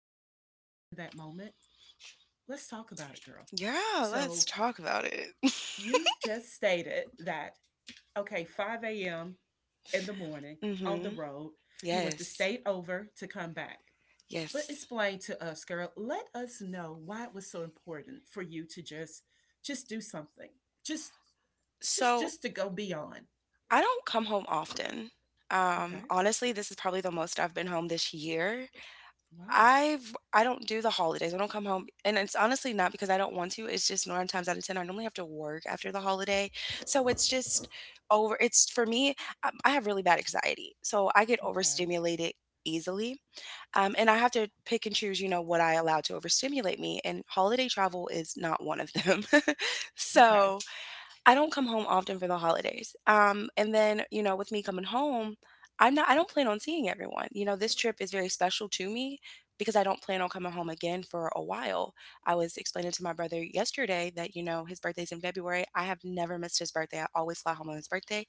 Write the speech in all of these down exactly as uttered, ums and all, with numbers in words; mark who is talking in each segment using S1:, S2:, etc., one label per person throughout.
S1: made us happy in that moment, let's talk about it, girl.
S2: Yeah, let's
S1: So
S2: talk about it.
S1: you just stated that okay, five a m in the morning on the
S2: Mhm.
S1: road, you went the
S2: Yes.
S1: state over to come back. But
S2: Yes.
S1: explain to us, girl. Let us know why it was so important for you to just just do something. Just just
S2: So,
S1: just to go beyond.
S2: I don't come home often. Um,
S1: Okay.
S2: honestly, this is probably the most I've been home this year.
S1: Wow.
S2: I've I don't do the holidays. I don't come home, and it's honestly not because I don't want to. It's just nine times out of ten, I normally have to work after the holiday, so it's just over. It's for me. um, I have really bad anxiety, so I get
S1: Okay.
S2: overstimulated easily. Um, and I have to pick and choose, you know, what I allow to overstimulate me. And holiday travel is not one of them.
S1: Okay.
S2: So I don't come home often for the holidays. Um, and then, you know, with me coming home, I'm not, I don't plan on seeing everyone. You know, this trip is very special to me because I don't plan on coming home again for a while. I was explaining to my brother yesterday that, you know, his birthday's in February. I have never missed his birthday. I always fly home on his birthday.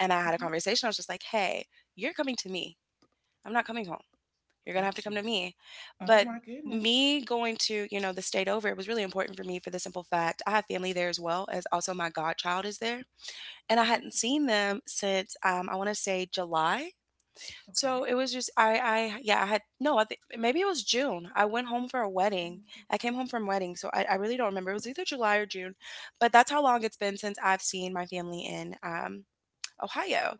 S2: And I had a
S1: Hmm.
S2: conversation. I was just like, hey, you're coming to me. I'm not coming home. You're gonna have to
S1: Got
S2: come
S1: you.
S2: to me.
S1: Oh
S2: But
S1: my goodness.
S2: me going to, you know, the state over, it was really important for me for the simple fact I have family there as well as also my godchild is there. And I
S1: Hmm.
S2: hadn't seen them since, um, I want to say, July. So
S1: Okay.
S2: it was just I I, yeah, I had no, I think maybe it was June. I went home for a
S1: Oh
S2: wedding.
S1: my good.
S2: I came home from wedding, so I, I really don't remember. It was either July or June, but that's how long it's been since I've seen my family in um Ohio.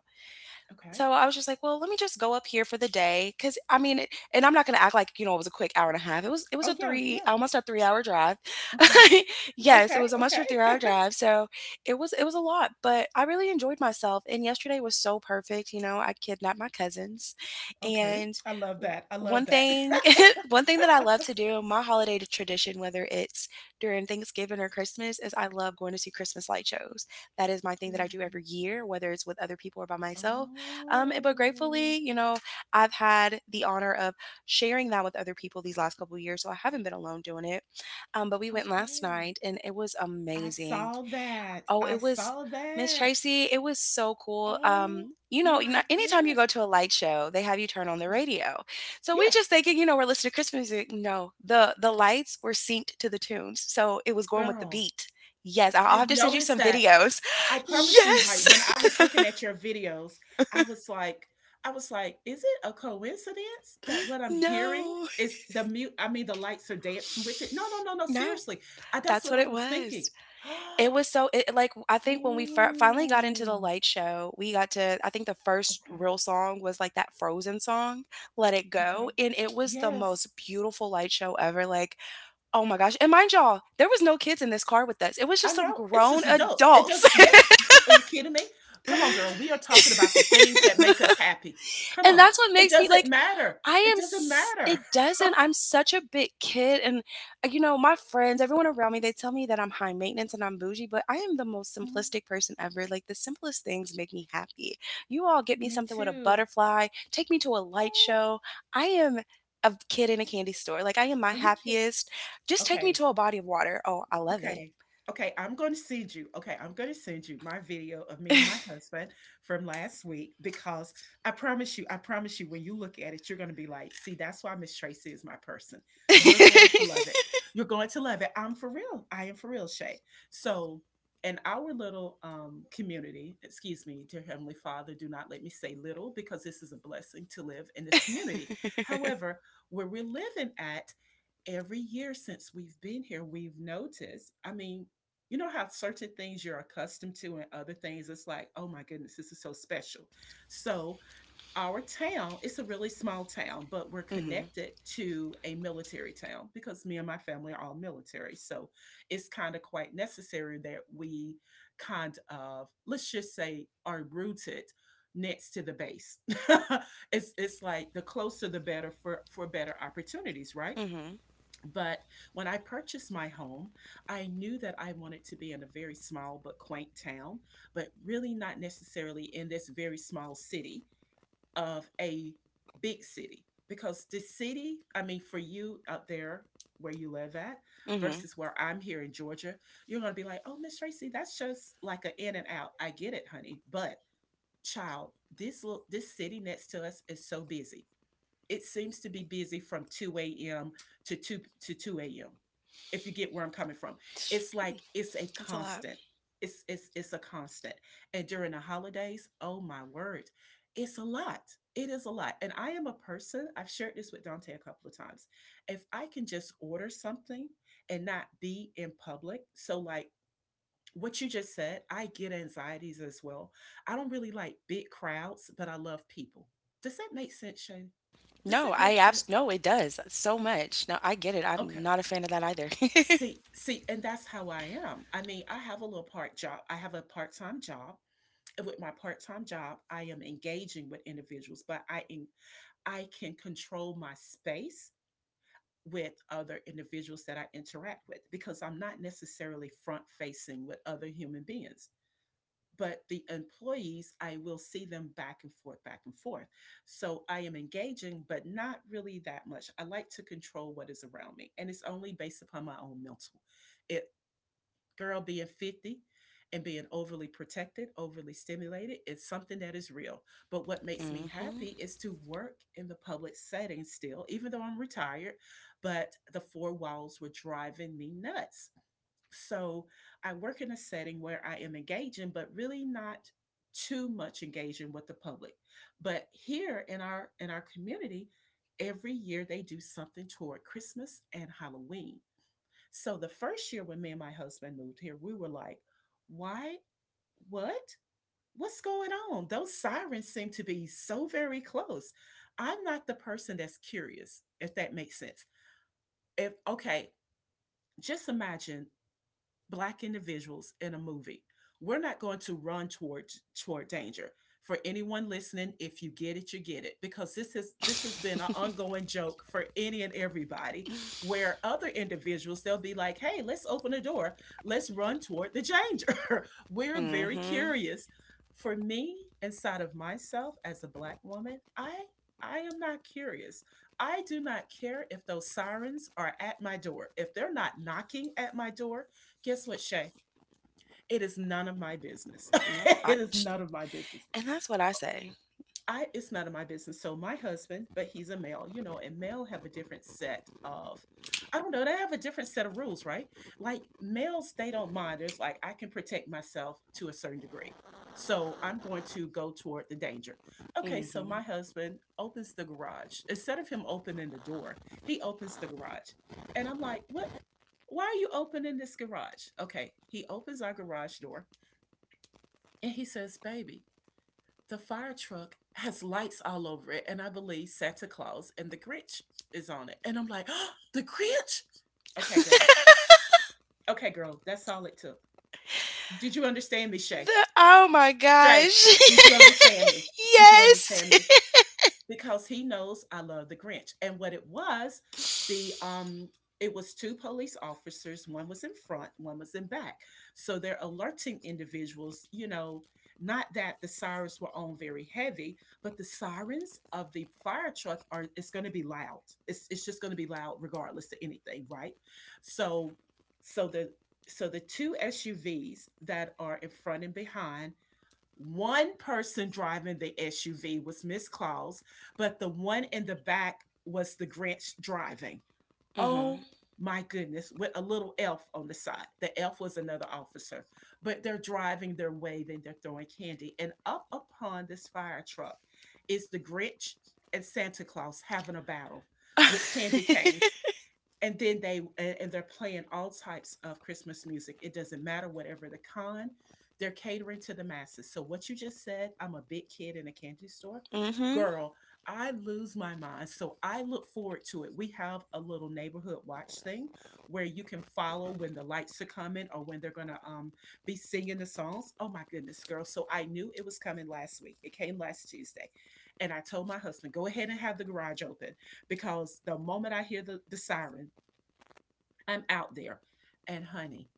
S1: Okay.
S2: So I was just like, well, let me just go up here for the day. Cause I mean, it, and I'm not going to act like, you know, it was a quick hour and a half. It was, it was
S1: Oh
S2: a
S1: yeah.
S2: three,
S1: Yeah.
S2: almost a three hour drive.
S1: Okay.
S2: Yes.
S1: Okay.
S2: It was almost
S1: Okay.
S2: a three hour drive. So it was, it was a lot, but I really enjoyed myself. And yesterday was so perfect. You know, I kidnapped my cousins
S1: okay.
S2: and
S1: I love
S2: w-
S1: that. I
S2: one
S1: love that.
S2: thing, one thing that I love to do, my holiday tradition, whether it's during Thanksgiving or Christmas, is I love going to see Christmas light shows. That is my thing that I do every year, whether it's with other people or by myself. Um, eh, but
S1: Oh, oh,
S2: gratefully, you know, I've had the honor of sharing that with other people these last couple of years, so I haven't been alone doing it. Um, but we went last
S1: okay.
S2: night, and it was
S1: I
S2: amazing.
S1: saw that.
S2: Oh,
S1: I
S2: it was
S1: saw
S2: Miss
S1: that.
S2: Tracy, it was so cool.
S1: Oh
S2: Um, you know, n-
S1: my
S2: anytime you go
S1: goodness.
S2: to a light show, they have you turn on the
S1: Yeah.
S2: radio. So we just
S1: Yes,
S2: thinking, you know, we're listening to Christmas music. No, the the lights were synced to the tunes, so it was going with the
S1: girl.
S2: beat. Yes, I'll I'll
S1: I
S2: have to send you
S1: noticed
S2: some
S1: that.
S2: videos.
S1: I promise you, like
S2: Yes.
S1: when I was looking at your videos, I was like, I was like, is it a coincidence that what I'm hearing
S2: No.
S1: is the mute? I mean, The lights are dancing with it. No, no, no, no.
S2: No.
S1: Seriously, I, that's
S2: That's
S1: what
S2: what
S1: I
S2: it
S1: was thinking.
S2: was. It was so, it like, I think when we fir finally got into the
S1: Oh,
S2: light show, we got to, I think, the first
S1: okay,
S2: real song was, like, that Frozen song, "Let It Go,"
S1: okay.
S2: and it was the
S1: Yes,
S2: most beautiful light show ever, like, oh my gosh. And mind y'all, there was no kids in this car with us. It was
S1: I
S2: just some
S1: know. It's
S2: grown
S1: just adults. It
S2: adults.
S1: doesn't Yes. Are you kidding me? Come on, girl. We are talking about the things that make us happy. Come
S2: And
S1: on.
S2: that's what
S1: It
S2: makes me
S1: doesn't
S2: like,
S1: matter.
S2: I
S1: It
S2: am
S1: doesn't
S2: s-
S1: matter.
S2: it doesn't, I'm such a big kid. And uh, you know, my friends, everyone around me, they tell me that I'm high maintenance and I'm bougie, but I am the most
S1: Mhm.
S2: simplistic person ever, like the simplest things make me happy. You all get me
S1: Me
S2: something with a
S1: too.
S2: butterfly, take me to a light
S1: Oh,
S2: show. I am a kid in a candy store. Like I am my
S1: are you kidding?
S2: happiest. Just take me
S1: Okay.
S2: to a body of water. Oh, I love it.
S1: Okay. Okay, I'm gonna send you okay, I'm gonna send you my video of me and my husband from last week because I promise you, I promise you, when you look at it, you're gonna be like, "See, that's why Miss Tracy is my person." You're going to love it. You're going to love it. I'm for real. I am for real, Shay. So, in our little um, community, excuse me, dear Heavenly Father, do not let me say little because this is a blessing to live in this community. However, where we're living at, every year since we've been here, we've noticed. I mean, you know how certain things you're accustomed to and other things it's like, oh my goodness, this is so special. So, our town, it's a really small town, but we're
S2: Mhm.
S1: connected to a military town because me and my family are all military. So, it's kind of quite necessary that we kind of, let's just say, are rooted next to the base. it's it's like the closer the better for for better opportunities, right?
S2: Mhm.
S1: But when I purchased my home, I knew that I wanted to be in a very small but quaint town, but really not necessarily in this very small city of a big city. Because the city, I mean, for you out there where you live at
S2: Mhm.
S1: versus where I'm here in Georgia, you're going to be like, oh, Miss Tracy, that's just like an in and out. I get it, honey. But child, this little, this city next to us is so busy it seems to be busy from two a m to 2 to two a m. If you get where I'm coming from, it's like it's a
S2: That's a lot.
S1: constant. It's it's it's a constant. And during the holidays, oh my word, it's a lot. It is a lot. And I am a person, I've shared this with Dante a couple of times. If I can just order something and not be in public, so like what you just said, I get anxieties as well. I don't really like big crowds, but I love people. Does that make sense, Shay? Does
S2: No,
S1: that
S2: I
S1: make
S2: abs
S1: sense?
S2: no, it does so much. No, I get it. I'm
S1: Okay.
S2: not a fan of that either.
S1: See, see, and that's how I am. I mean, I have a little part job. I have a part-time job. And with my part-time job, I am engaging with individuals, but I en- I can control my space with other individuals that I interact with because I'm not necessarily front-facing with other human beings. But the employees, I will see them back and forth, back and forth. So I am engaging, but not really that much. I like to control what is around me, and it's only based upon my own mental. It girl being fifty and being overly protected, overly stimulated, it's something that is real. But what makes me
S2: Mm-hmm.
S1: happy is to work in the public setting still, even though I'm retired. But the four walls were driving me nuts so I work in a setting where I am engaging, but really not too much engaging with the public. But here in our in our community, every year they do something toward Christmas and Halloween. So the first year when me and my husband moved here, we were like, why what? What's going on? Those sirens seem to be so very close. I'm not the person that's curious, if that makes sense. If okay, just imagine black individuals in a movie. We're not going to run toward toward danger. For anyone listening, if you get it, you get it. Because this is this has been an ongoing joke for any and everybody, where other individuals they'll be like, hey, let's open the door. Let's run toward the danger. We're very
S2: Mm-hmm.
S1: curious. For me, inside of myself as a black woman, I I am not curious. I do not care if those sirens are at my door. If they're not knocking at my door, guess what, Shay? It is none of my business.
S2: No,
S1: it
S2: I
S1: is none of my business.
S2: and that's what I say.
S1: I It's none of my business. So my husband, but he's a male, you know, and male have a different set of I don't know, they have a different set of rules, right? Like males, they don't mind. There's like I can protect myself to a certain degree. So I'm going to go toward the danger. Okay, so
S2: Mm-hmm.
S1: my husband opens the garage. Instead of him opening the door, he opens the garage. And I'm like, "What? Why are you opening this garage?" Okay, he opens our garage door and he says, "Baby, the fire truck has lights all over it, and I believe Santa Claus and the Grinch is on it." And I'm like, the Grinch? Okay, girl. Okay, girl. That's all it took. Did you understand me, Shay?
S2: The Oh my
S1: Shay,
S2: gosh.
S1: did you understand me? Did you
S2: Yes.
S1: understand me? Because he knows I love the Grinch. And what it was, the um it was two police officers, one was in front, one was in back. So they're alerting individuals, you know, not that the sirens were on very heavy, but the sirens of the fire truck are it's going to be loud. It's it's just going to be loud regardless of anything, right? So so the so the two S U Vs that are in front and behind one person driving the S U V was Miss Claus, but the one in the back was the Grinch driving.
S2: Mm-hmm.
S1: Oh my goodness, with a little elf on the side. The elf was another officer, but they're driving, they're waving, they're throwing candy. And up upon this fire truck is the Grinch and Santa Claus having a battle with candy canes and then they and they're playing all types of Christmas music. It doesn't matter whatever the con they're catering to the masses. So what you just said, I'm a big kid in a candy store,
S2: Mm-hmm.
S1: girl. I lose my mind, so I look forward to it. We have a little neighborhood watch thing where you can follow when the lights are coming or when they're gonna um be singing the songs. Oh my goodness, girl, so I knew it was coming last week. It came last Tuesday, and I told my husband go ahead and have the garage open because the moment I hear the, the siren, I'm out there. And honey,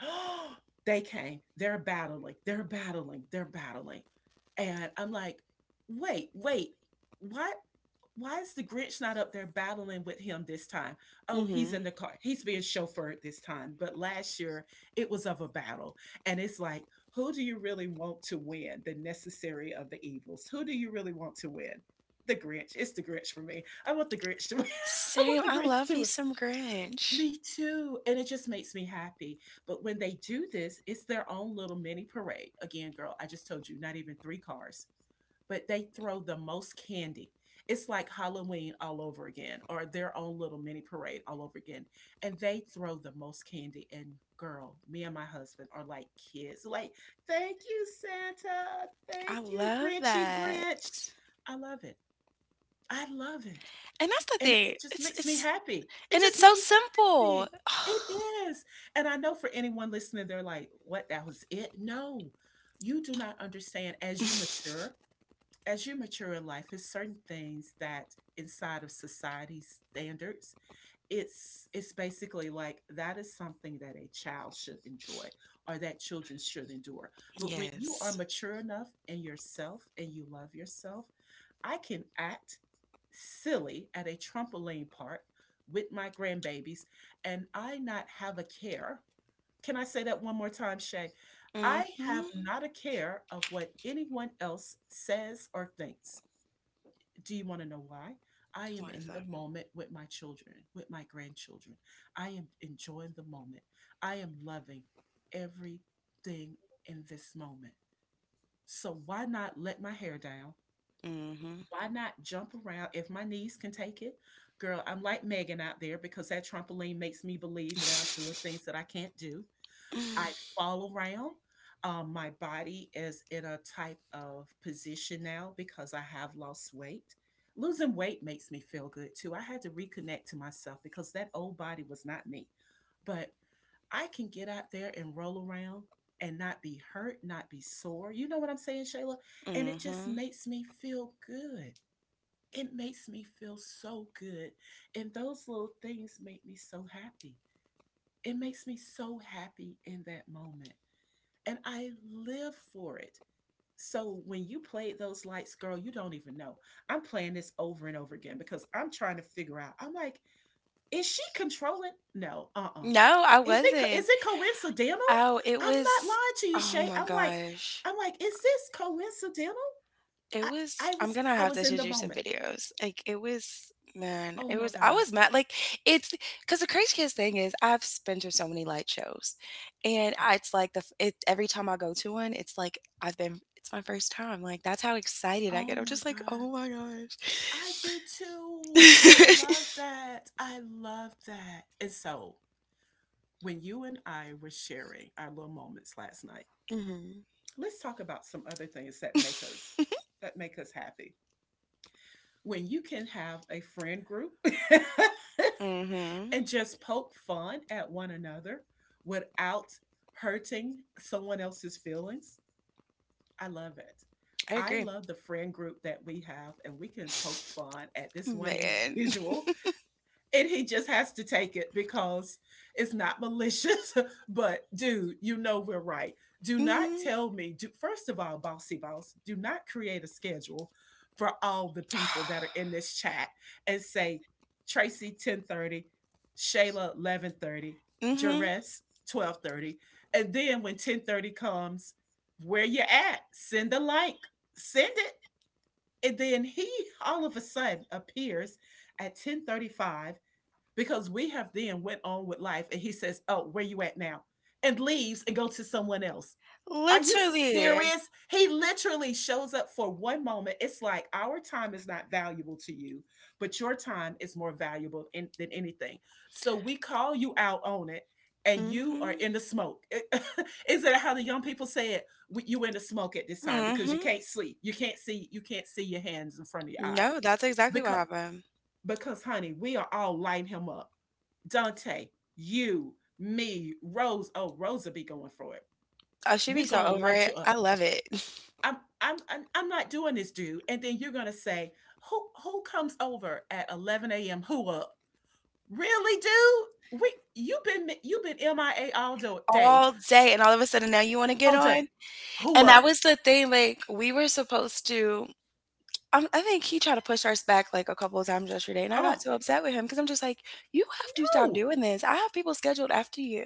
S1: they came. They're battling. They're battling. They're battling. And I'm like, wait, wait, what? Why is the Grinch not up there battling with him this time? Oh, he's in
S2: Mm-hmm.
S1: the car. He's being chauffeured this time. But last year, it was of a battle. And it's like, who do you really want to win? The necessary of the evils. Who do you really want to win? The Grinch. It's the Grinch for me. I want the Grinch to win. I want
S2: Same.
S1: the
S2: I
S1: Grinch
S2: love me
S1: to
S2: some Grinch.
S1: Me too. And it just makes me happy. But when they do this, it's their own little mini parade. Again, girl, I just told you, not even three cars, but they throw the most candy. It's like Halloween all over again, or their own little mini parade all over again. And they throw the most candy. And girl, me and my husband are like kids. Like, thank you, Santa.
S2: I
S1: Thank you,
S2: love
S1: Grinchy
S2: that.
S1: Grinch. I love it. I love it.
S2: And that's the
S1: And
S2: thing.
S1: it just
S2: It's
S1: makes me
S2: it's
S1: happy. It
S2: And
S1: just
S2: it's so
S1: makes Big.
S2: simple.
S1: It is. And I know for anyone listening, they're like, what, that was it? No, you do not understand. As you mature, as you mature in life, it's certain things that inside of society's standards, it's it's basically like that is something that a child should enjoy or that children should endure. But when you are
S2: Yes.
S1: mature enough in yourself and you love yourself, I can act silly at a trampoline park with my grandbabies and I not have a care. Can I say that one more time, Shay? I have
S2: Mm-hmm.
S1: not a care of what anyone else says or thinks. Do you want to know why? I am
S2: Why is
S1: in
S2: that?
S1: the moment with my children, with my grandchildren. I am enjoying the moment. I am loving everything in this moment. So why not let my hair down?
S2: Mhm.
S1: Why not jump around if my knees can take it? Girl, I'm like Megan out there because that trampoline makes me believe that I'm doing things that I can't do. I fall around. Um, my body is in a type of position now because I have lost weight. Losing weight makes me feel good too. I had to reconnect to myself because that old body was not me. But I can get out there and roll around and not be hurt, not be sore. You know what I'm saying, Shayla? And it just
S2: Mhm.
S1: makes me feel good. It makes me feel so good. And those little things make me so happy. It makes me so happy in that moment. And I live for it. So when you played those lights, girl, you don't even know. I'm playing this over and over again because I'm trying to figure out. I'm like, is she controlling? No, uh uh
S2: No, I
S1: Is it co- is
S2: wasn't.
S1: it coincidental?
S2: Oh, it
S1: I'm not
S2: was
S1: lying to you,
S2: oh
S1: Shay.
S2: my
S1: I'm like,
S2: gosh.
S1: I'm like, is this coincidental?
S2: It
S1: I
S2: was
S1: I
S2: I'm
S1: was
S2: gonna
S1: I
S2: have
S1: was
S2: to
S1: in
S2: send
S1: the
S2: you some
S1: moment.
S2: videos. Like, it was man,
S1: Oh
S2: it
S1: my
S2: was I
S1: god.
S2: was mad. Like, it's because the Crazy Kids thing is I've been to so many light shows, and
S1: Okay.
S2: I, it's like the f- it, every time I go to one, it's like I've been. It's my first time. Like that's how excited I
S1: Oh
S2: get. I'm
S1: my
S2: just like,
S1: God.
S2: oh my gosh.
S1: I do too. I love that. I love that. And so, when you and I were sharing our little moments last night,
S2: Mhm.
S1: let's talk about some other things that make us that make us happy. When you can have a friend group
S2: Mhm.
S1: and just poke fun at one another without hurting someone else's feelings, I love it.
S2: I
S1: I
S2: agree.
S1: love the friend group that we have, and we can poke fun at this one
S2: Man.
S1: individual and he just has to take it because it's not malicious. But dude, you know we're right. Do not
S2: Mhm.
S1: tell me. Do, first of all, bossy boss, do not create a schedule for all the people that are in this chat and say Tracy ten thirty, Shayla eleven thirty,
S2: Mhm.
S1: Jerez twelve thirty, and then when ten thirty comes, where you at? Send a like. Send it. And then he all of a sudden appears at ten thirty-five because we have then went on with life, and he says, oh, where you at now, and leaves and goes to someone else. Are you
S2: Literally.
S1: serious? He literally shows up for one moment. It's like our time is not valuable to you, but your time is more valuable in, than anything. So we call you out on it, and you are
S2: Mhm.
S1: in the smoke. Is it how the young people say it? You in the smoke at this time because you
S2: Mhm.
S1: can't sleep, you can't see, you can't see your hands in front of your eyes.
S2: No, that's exactly what
S1: because
S2: happened.
S1: because honey, we are all lighting him up. Dante, you, me, Rose. Oh, Rosa be going for it.
S2: I should be
S1: We're
S2: so
S1: gonna
S2: over
S1: light
S2: it.
S1: you
S2: I
S1: up.
S2: love it.
S1: I'm I'm I'm I'm not doing this, dude. And then you're gonna say, who who comes over at eleven a m. Who up? Really, dude? We you've been you've been M I A all do- day,
S2: All day, and all of a sudden now you want to get
S1: all day.
S2: on?
S1: Who
S2: And that
S1: up?
S2: was the thing, like, we were supposed to, um, I think he tried to push us back like a couple of times yesterday, and I got
S1: Oh,
S2: so upset with him because I'm just like, you have to stop
S1: oh,
S2: doing this. I have people scheduled after you.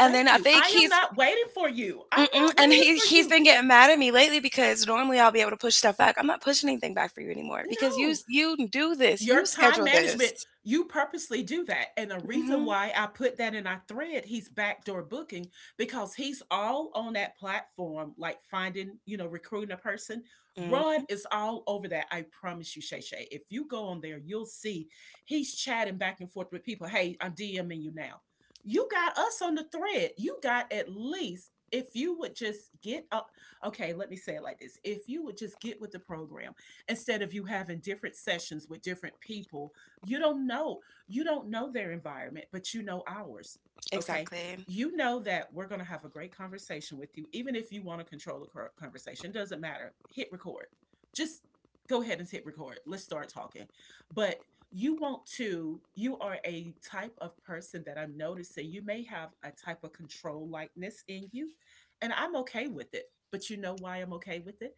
S2: And
S1: thank
S2: then I
S1: you.
S2: think
S1: I
S2: he,
S1: am not waiting for you. I'm
S2: mm-mm,
S1: not
S2: and
S1: waiting
S2: he
S1: for
S2: he's
S1: you.
S2: been getting mad at me lately because normally I'll be able to push stuff back. I'm not pushing anything back for you anymore because you
S1: No.
S2: s- you do this. You
S1: Your time
S2: schedule
S1: management,
S2: this.
S1: you purposely do that. And the reason
S2: Mhm.
S1: why I put that in our thread, he's backdoor booking, because he's all on that platform, like finding, you know, recruiting a person. Ron
S2: Mhm.
S1: is all over that. I promise you, Shay Shay. If you go on there, you'll see he's chatting back and forth with people. Hey, I'm DMing you now. You got us on the thread. You got at least, if you would just get up. Okay, let me say it like this. If you would just get with the program instead of you having different sessions with different people, you don't know, you don't know their environment, but you know ours. Okay,
S2: Exactly.
S1: you know that we're going to have a great conversation with you. Even if you want to control the conversation, doesn't matter, hit record. Just go ahead and hit record, let's start talking. But you want to you are a type of person that I'm noticing. You may have a type of control likeness in you, and I'm okay with it. But you know why I'm okay with it?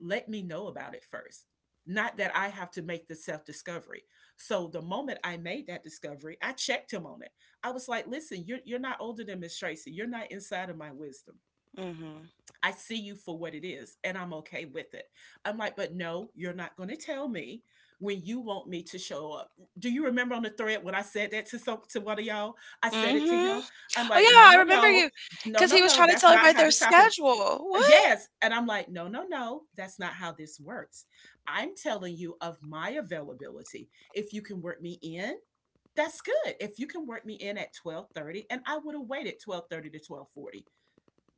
S1: Let me know about it first. Not that I have to make the self discovery. So the moment I made that discovery, I checked him on it. I was like, listen, you're, you're not older than Miss Tracy. You're not inside of my wisdom.
S2: Mhm.
S1: I see you for what it is, and I'm okay with it. I'm like, but no, you're not going to tell me when you want me to show up. Do you remember on the thread when I said that to some to one of y'all? I said it to
S2: Mhm.
S1: him. I'm
S2: Oh
S1: like, no,
S2: yeah, I
S1: no,
S2: remember,
S1: no,
S2: you
S1: no,
S2: cuz
S1: no,
S2: he was
S1: no.
S2: trying to
S1: That's
S2: tell
S1: not
S2: everybody
S1: how
S2: their
S1: this happened.
S2: schedule. What?
S1: Yes. And I'm like, no, no, no, that's not how this works. I'm telling you of my availability. If you can work me in, that's good. If you can work me in at twelve thirty, and I would have waited twelve thirty to twelve forty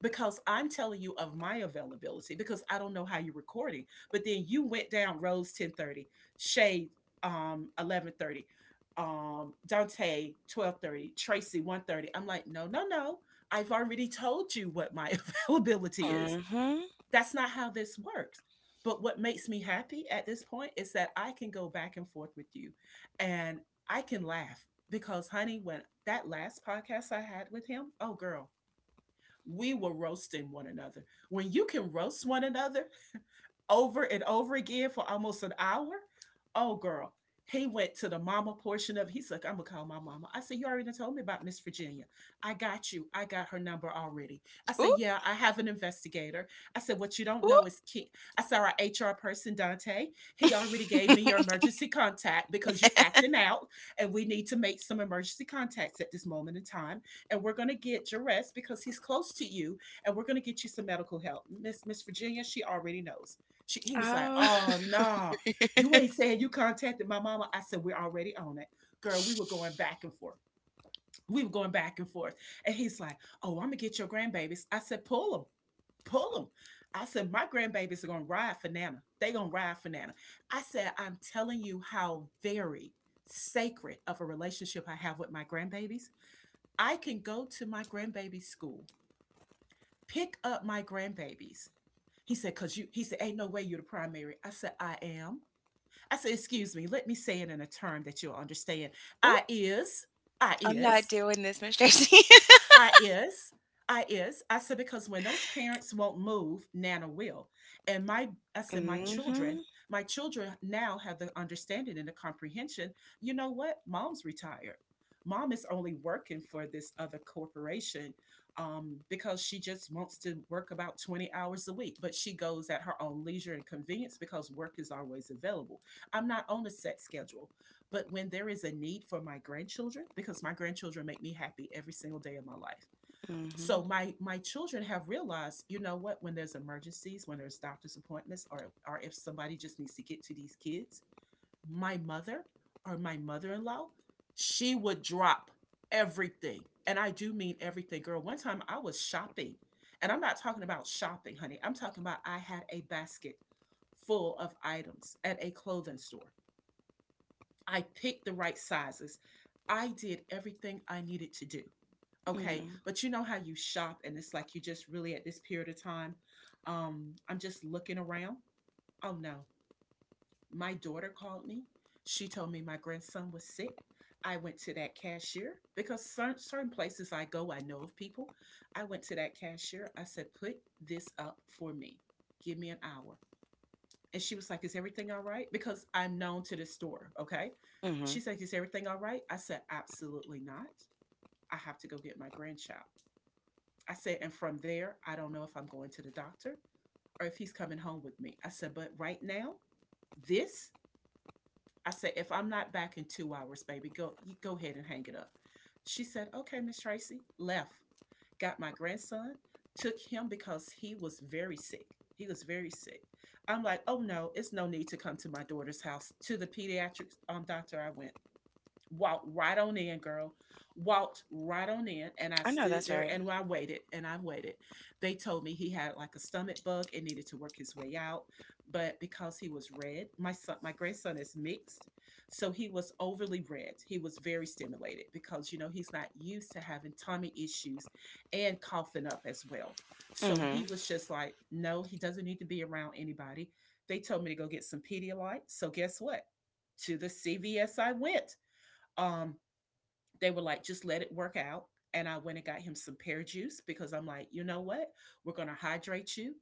S1: because I'm telling you of my availability because I don't know how you're recording. But then you went down Rose ten thirty, Shade um eleven thirty, um Dante twelve thirty, Tracy one thirty. I'm like, no, no, no. I've already told you what my availability is.
S2: Mhm.
S1: That's not how this works. But what makes me happy at this point is that I can go back and forth with you, and I can laugh because, honey, when that last podcast I had with him, oh, girl, we were roasting one another. When you can roast one another over and over again for almost an hour. Oh, girl. He went to the mama portion of it. He's like, I'm gonna call my mama. I said, you already told me about Miss Virginia. I got you. I got her number already. I said,
S2: Oop,
S1: yeah, I have an investigator. I said, what you don't know
S2: oop.
S1: is Ke- I saw our H R person, Dante. He already gave me your emergency contact because you're acting out, and we need to make some emergency contacts at this moment in time. And we're gonna get Jerez because he's close to you, and we're gonna get you some medical help. Miss Miss Virginia, she already knows. She, he was like,
S2: Oh.
S1: oh, no, you ain't saying you contacted my mama. I said, we're already on it. Girl, we were going back and forth. We were going back and forth. And he's like, oh, I'm going to get your grandbabies. I said, pull them, pull them. I said, my grandbabies are going to ride for Nana. They going to ride for Nana. I said, I'm telling you how very sacred of a relationship I have with my grandbabies. I can go to my grandbaby's school, pick up my grandbabies. He said, cause you, he said, ain't no way you're the primary. I said, I am. I said, excuse me, let me say it in a term that you'll understand.
S2: Oop.
S1: I is, I
S2: I'm not
S1: is,
S2: doing this, Miss Tracy.
S1: I is. I is. I said, because when those parents won't move, Nana will. And my, I said, my children,
S2: Mhm.
S1: my children now have the understanding and the comprehension. You know what? Mom's retired. Mom is only working for this other corporation um, because she just wants to work about twenty hours a week, but she goes at her own leisure and convenience because work is always available. I'm not on a set schedule, but when there is a need for my grandchildren, because my grandchildren make me happy every single day of my life.
S2: Mhm.
S1: So my my children have realized, you know what, when there's emergencies, when there's doctor's appointments, or or if somebody just needs to get to these kids, my mother or my mother-in-law, she would drop everything. And I do mean everything. Girl, one time I was shopping. And I'm not talking about shopping, honey. I'm talking about I had a basket full of items at a clothing store. I picked the right sizes. I did everything I needed to do. Okay.
S2: Mhm.
S1: But you know how you shop and it's like you just really at this period of time. Um, I'm just looking around. Oh no. My daughter called me. She told me my grandson was sick. I went to that cashier because certain, certain places I go, I know of people. I went to that cashier. I said, put this up for me. Give me an hour. And she was like, is everything all right? Because I'm known to this store. Okay.
S2: Mhm.
S1: She's like, is everything all right? I said, absolutely not. I have to go get my grandchild. I said, and from there, I don't know if I'm going to the doctor or if he's coming home with me. I said, but right now, this, I said, if I'm not back in two hours, baby, go, you go ahead and hang it up. She said, okay, Miss Tracy, left got my grandson, took him because he was very sick. He was very sick. I'm like, oh no, it's no need to come to my daughter's house. To the pediatric um, doctor I went, walked right on in, girl. Walked right on in, and I
S2: I know
S1: stood
S2: that's
S1: there
S2: right.
S1: and I waited and I waited. They told me he had like a stomach bug and needed to work his way out, but because he was red, my son, my grandson is mixed, so he was overly red. He was very stimulated because you know he's not used to having tummy issues and coughing up as well. So
S2: Mhm.
S1: he was just like, no, he doesn't need to be around anybody. They told me to go get some Pedialyte. So guess what? To the C V S I went. Um, they were like, just let it work out. And I went and got him some pear juice because I'm like, you know what? We're going to hydrate you,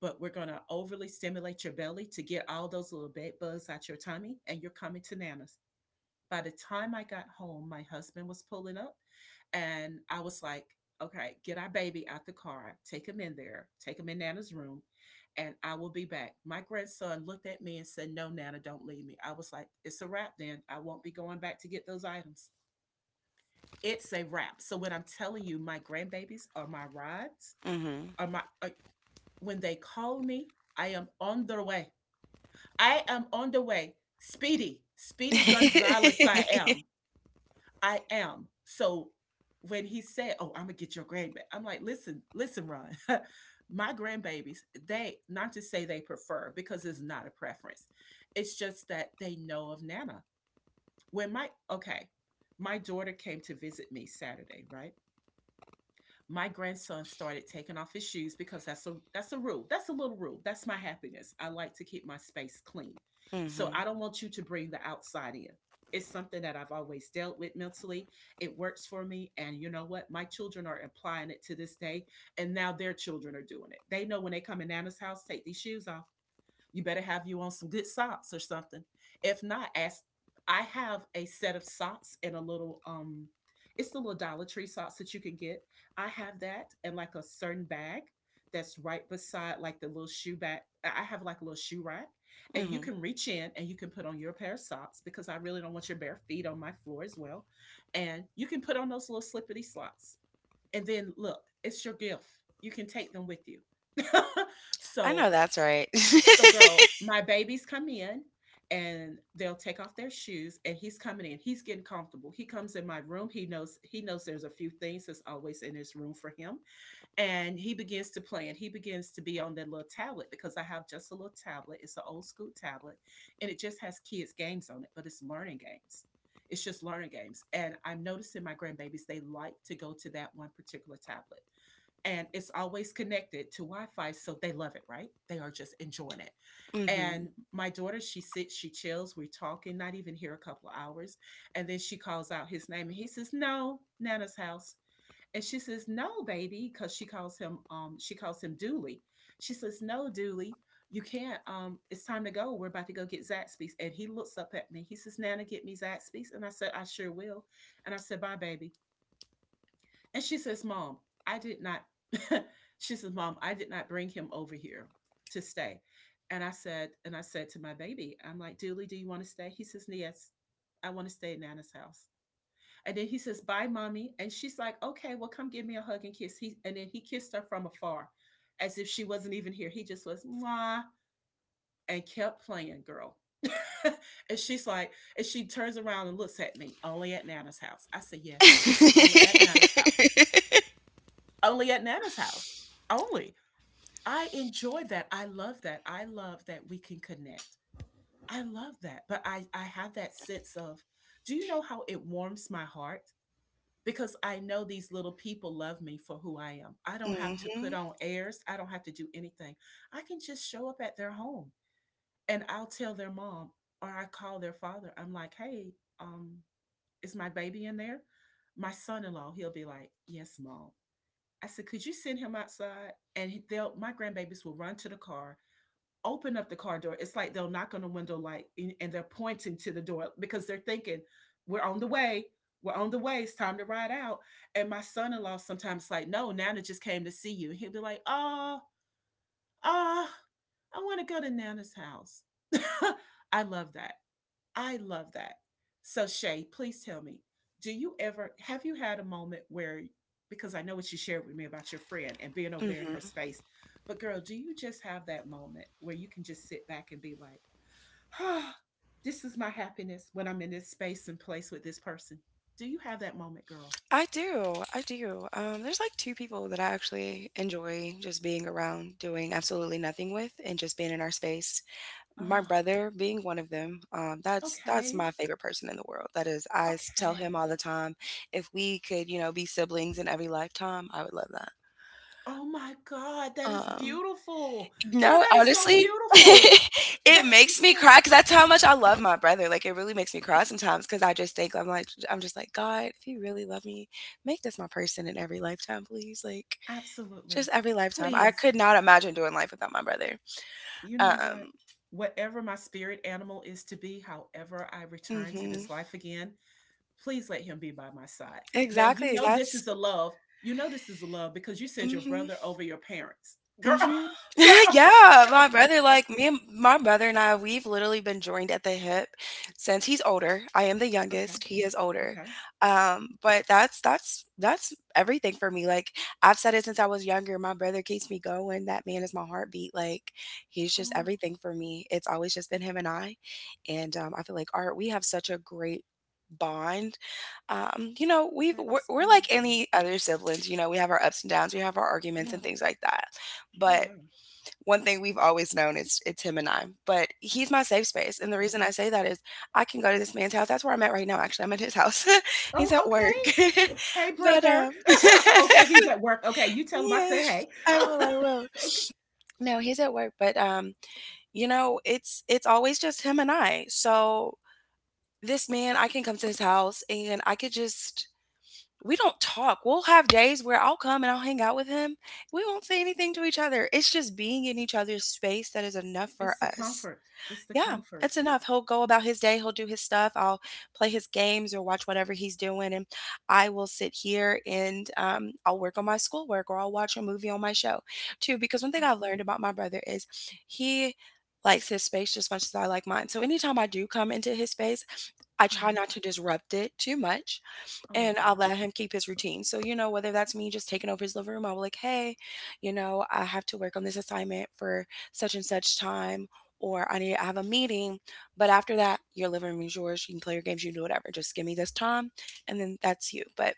S1: but we're going to overly stimulate your belly to get all those little bed bugs out your tummy, and you're coming to Nana's. By the time I got home, my husband was pulling up, and I was like, okay, get our baby out the car, take him in there, take him in Nana's room, and I will be back. My grandson looked at me and said, no, Nana, don't leave me. I was like, it's a wrap then. I won't be going back to get those items, it's a wrap. So when I'm telling you, my grandbabies are my rides.
S2: Mhm.
S1: Are my are, when they call me, I am on the way. I am on the way. Speedy, Speedy Gonzalez. I am. I am. So when he said, "Oh, I'm gonna get your grandbaby," I'm like, "Listen, listen, Ron." My grandbabies, they not to say they prefer because it's not a preference. It's just that they know of Nana. When my okay, my daughter came to visit me Saturday, right? My grandson started taking off his shoes because that's a that's a rule. That's a little rule. That's my happiness. I like to keep my space clean. So I
S2: Mhm.
S1: don't want you to bring the outside in. It's something that I've always dealt with mentally. It works for me. And you know what? My children are applying it to this day. And now their children are doing it. They know when they come in Nana's house, take these shoes off. You better have you on some good socks or something. If not, ask. I have a set of socks and a little um, it's the little Dollar Tree socks that you can get. I have that and like a certain bag that's right beside like the little shoe bag. I have like a little shoe rack, and you
S2: Mhm.
S1: can reach in and you can put on your pair of socks because I really don't want your bare feet on my floor as well. And you can put on those little slippity slots. And then look, it's your gift. You can take them with you.
S2: I know
S1: so
S2: that's right.
S1: so, girl, my babies come in and they'll take off their shoes and he's coming in. He's getting comfortable. He comes in my room. He knows he knows there's a few things that's always in his room for him. And he begins to play and he begins to be on that little tablet because I have just a little tablet. It's an old school tablet and it just has kids games on it, but it's learning games. It's just learning games. And I'm noticing my grandbabies, they like to go to that one particular tablet and it's always connected to Wi-Fi, so they love it, right? They are just enjoying it.
S2: Mhm.
S1: And my daughter, she sits, she chills, we're talking, not even here a couple of hours, and then she calls out his name, and he says, "No, Nana's house." And she says, "No, baby," because she calls him, um, she calls him Dooley. She says, "No, Dooley, you can't. Um, it's time to go. We're about to go get Zaxby's." And he looks up at me. He says, "Nana, get me Zaxby's," and I said, "I sure will." And I said, "Bye, baby." And she says, Mom, I did not, she says, Mom, I did not bring him over here to stay. And I said, and I said to my baby, I'm like, Dooley, do you want to stay? He says, yes, I want to stay at Nana's house. And then he says, bye, mommy. And she's like, okay, well, come give me a hug and kiss. He and then he kissed her from afar, as if she wasn't even here. He just was mwah and kept playing, girl. and she's like, and she turns around and looks at me, only at Nana's house. I said, yes, only at Nana's house. Only at Nana's house. Only. I enjoy that. I love that. I love that we can connect. I love that. But I, I have that sense of, do you know how it warms my heart? Because I know these little people love me for who I am. I don't have to put
S2: Mhm.
S1: on airs. I don't have to do anything. I can just show up at their home and I'll tell their mom or I call their father. I'm like, hey, um, is my baby in there? My son in law, he'll be like, yes, mom. I said, could you send him outside? And they'll my grandbabies will run to the car, open up the car door. It's like they'll knock on the window like and they're pointing to the door because they're thinking, we're on the way. We're on the way. It's time to ride out. And my son-in-law sometimes like, no, Nana just came to see you. He'll be like, oh, oh, I want to go to Nana's house. I love that. I love that. So Shay, please tell me, do you ever have you had a moment where because I know what you shared with me about your friend and being over there in
S2: Mhm.
S1: her space, but girl, do you just have that moment where you can just sit back and be like, "Ah, this is my happiness when I'm in this space and place with this person." Do you have that moment, girl?
S2: I do, I do. Um, there's like two people that I actually enjoy just being around, doing absolutely nothing with, and just being in our space. My
S1: Oh,
S2: brother being one of them. Um, that's that's
S1: okay.
S2: my favorite person in the world. That is, I s- tell
S1: Okay.
S2: him all the time, if we could, you know, be siblings in every lifetime, I would love that.
S1: Oh my God, that is
S2: Um
S1: beautiful. Girl,
S2: No,
S1: that is so
S2: honestly,
S1: beautiful.
S2: it
S1: That
S2: makes
S1: is
S2: me
S1: so
S2: cry because that's how much I love my brother, like, it really makes me cry sometimes because I just think, I'm like I'm just like, "God, if you really love me, make this my person in every lifetime, please," like, just
S1: absolutely.
S2: every lifetime. I
S1: Please.
S2: could not imagine doing life without my brother.
S1: You know what?
S2: Um
S1: Whatever my spirit animal is to be, however I return to
S2: Mhm.
S1: this life again, please let him be by my side. Now, you
S2: Exactly,
S1: know this
S2: that's
S1: is a love. You know this is a love because you said your
S2: Mhm.
S1: brother over your parents. Girl,
S2: Mhm.
S1: girl,
S2: Yeah,
S1: girl.
S2: my brother, like
S1: That's
S2: me and my brother and I, we've literally been joined at the hip since he's older. I am the
S1: okay.
S2: youngest, he is older.
S1: Okay.
S2: Um, but that's that's that's everything for me. Like I've said it since I was younger. My brother keeps me going. That man is my heartbeat. Like he's just
S1: Oh,
S2: everything for me. It's always just been him and I. And um, I feel like art, we have such a great bond. um you know we've
S1: that
S2: we're,
S1: is
S2: we're like
S1: beautiful.
S2: any other siblings. You know we have our ups and downs, we have our arguments
S1: Yeah.
S2: and things like that,
S1: Oh,
S2: but
S1: yeah.
S2: one thing we've always known is it's him and I. But he's my safe space. And the
S1: Okay.
S2: reason I say that is I can go to this man's house. That's where I'm at right now, actually. I'm at his house. He's
S1: Oh,
S2: at
S1: okay.
S2: work.
S1: Hey,
S2: But
S1: brother.
S2: um
S1: okay. He's at work. Okay. You tell him I said
S2: yes,
S1: hey.
S2: I will, I will.
S1: okay.
S2: No, he's at work, but, um, you know, it's it's always just him and I. So this man, I can come to his house and I could just we don't talk. We'll have days where I'll come and I'll hang out with him. We won't say anything to each other. It's just being in each other's space that is enough for
S1: It's the
S2: us.
S1: comfort. It's the
S2: Yeah,
S1: comfort.
S2: it's enough. He'll go about his day, he'll do his stuff. I'll play his games or watch whatever he's doing, and I will sit here and um, I'll work on my schoolwork or I'll watch a movie on my show too. Because one thing I've
S1: Um,
S2: learned about my brother is he likes his space just as much as I like mine. So anytime I do come into his space, I
S1: yeah,
S2: try not to disrupt it too much
S1: I love
S2: and I'll
S1: that.
S2: let him keep his routine. So, you know, whether that's me just taking over his living room, I'll be like, hey, you know, I have to work on this assignment for such and such time, or I need to have a meeting. But after that, your living room is yours. You can play your games, you can do whatever. Just give me this time, and then that's you. But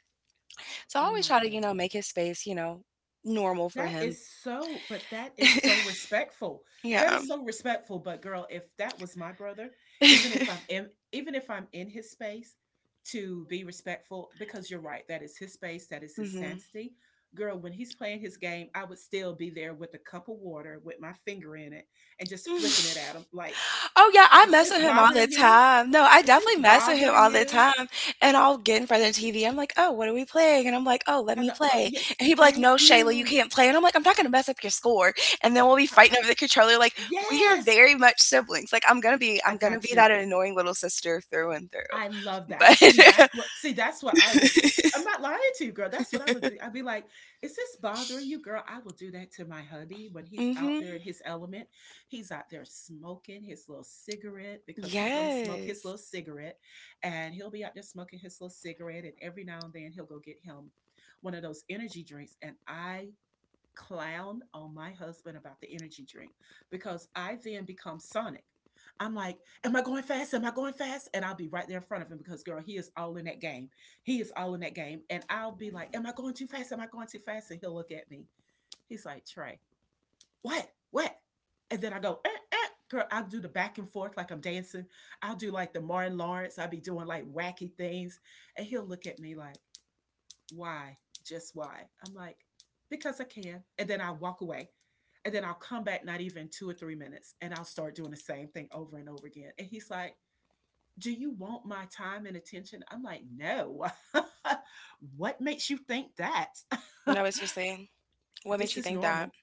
S2: so I
S1: Oh
S2: always
S1: my
S2: try to, you know,
S1: god.
S2: make his space, you know, normal for
S1: That
S2: him.
S1: is so but that is so respectful. That
S2: Yeah.
S1: is so respectful, but girl, if that was my brother, even if I'm in even if I'm in his space to be respectful because you're right, that is his space, that is his
S2: Hmm.
S1: sanctity. Girl, when he's playing his game, I would still be there with a cup of water with my finger in it and just flicking it at him like,
S2: Oh, yeah, I
S1: "Is
S2: mess with
S1: this
S2: him all the
S1: bothering you?
S2: time. No, I
S1: Is this
S2: definitely mess with him
S1: bothering
S2: all the
S1: you?"
S2: time, and I'll get in front of the T V, I'm like, "Oh, what are we playing?" And I'm like, "Oh, let me
S1: And uh, uh,
S2: play."
S1: yes,
S2: And he'd be like,
S1: thank
S2: "No, Shayla, you
S1: you.
S2: can't play." And I'm like, "I'm not gonna mess up your score." And then we'll be
S1: I- I-
S2: fighting over the controller, like, we are
S1: yes,
S2: very much siblings, like, I'm gonna be
S1: I
S2: I'm gonna
S1: got
S2: be
S1: you.
S2: that annoying little sister through and through.
S1: I love that. See,
S2: But.
S1: that's what see, that's what I will do. I'm not lying to you, girl. That's what I would be. I'd be like, is this bothering you, girl? I will do that to my hubby when he's out
S2: Mhm.
S1: there in his element. He's out there smoking his little cigarette because he's gonna smoke his
S2: Yes.
S1: little cigarette. And he'll be out there smoking his little cigarette. And every now and then he'll go get him one of those energy drinks. And I clown on my husband about the energy drink because I then become Sonic. I'm like, am I going fast? Am I going fast? And I'll be right there in front of him because, girl, he is all in that game. He is all in that game. And I'll be like, am I going too fast? Am I going too fast? And he'll look at me. He's like, Trey, what? What? And then I go, eh, eh. Girl, I'll do the back and forth like I'm dancing. I'll do like the Martin Lawrence. I'll be doing like wacky things. And he'll look at me like, why? Just why? I'm like, because I can. And then I walk away. And then I'll come back not even two or three minutes and I'll start doing the same thing over and over again. And he's like, do you want my time and attention? I'm like, no. What makes you think that?
S2: No, it's just what makes
S1: This
S2: you
S1: is
S2: think that?
S1: normal.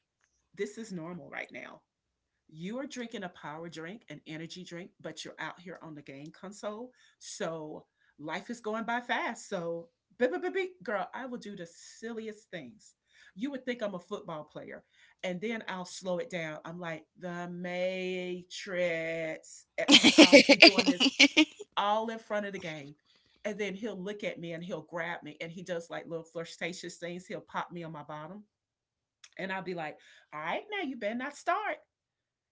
S1: This is normal right now. You are drinking a power drink, an energy drink, but you're out here on the game console. So life is going by fast. So, beep, beep, beep, beep. Girl, I will do the silliest things. You would think I'm a football player. And then I'll slow it down. I'm like, the Matrix. a- And I'll be doing this all in front of the game. And then he'll look at me and he'll grab me. And he does like little flirtatious things. He'll pop me on my bottom. And I'll be like, all right, now you better not start.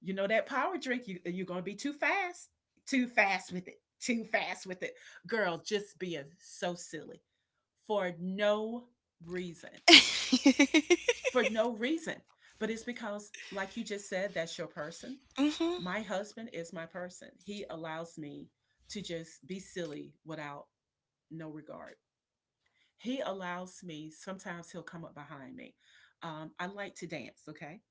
S1: You know that power drink, you you're gonna be too fast, too fast with it, too fast with it. Girl, just being so silly for no reason. For no reason. But it's because, like you just said, that's your person.
S2: Mhm.
S1: My husband is my person. He allows me to just be silly without no regard. He allows me, sometimes he'll come up behind me. Um, I like to dance, okay?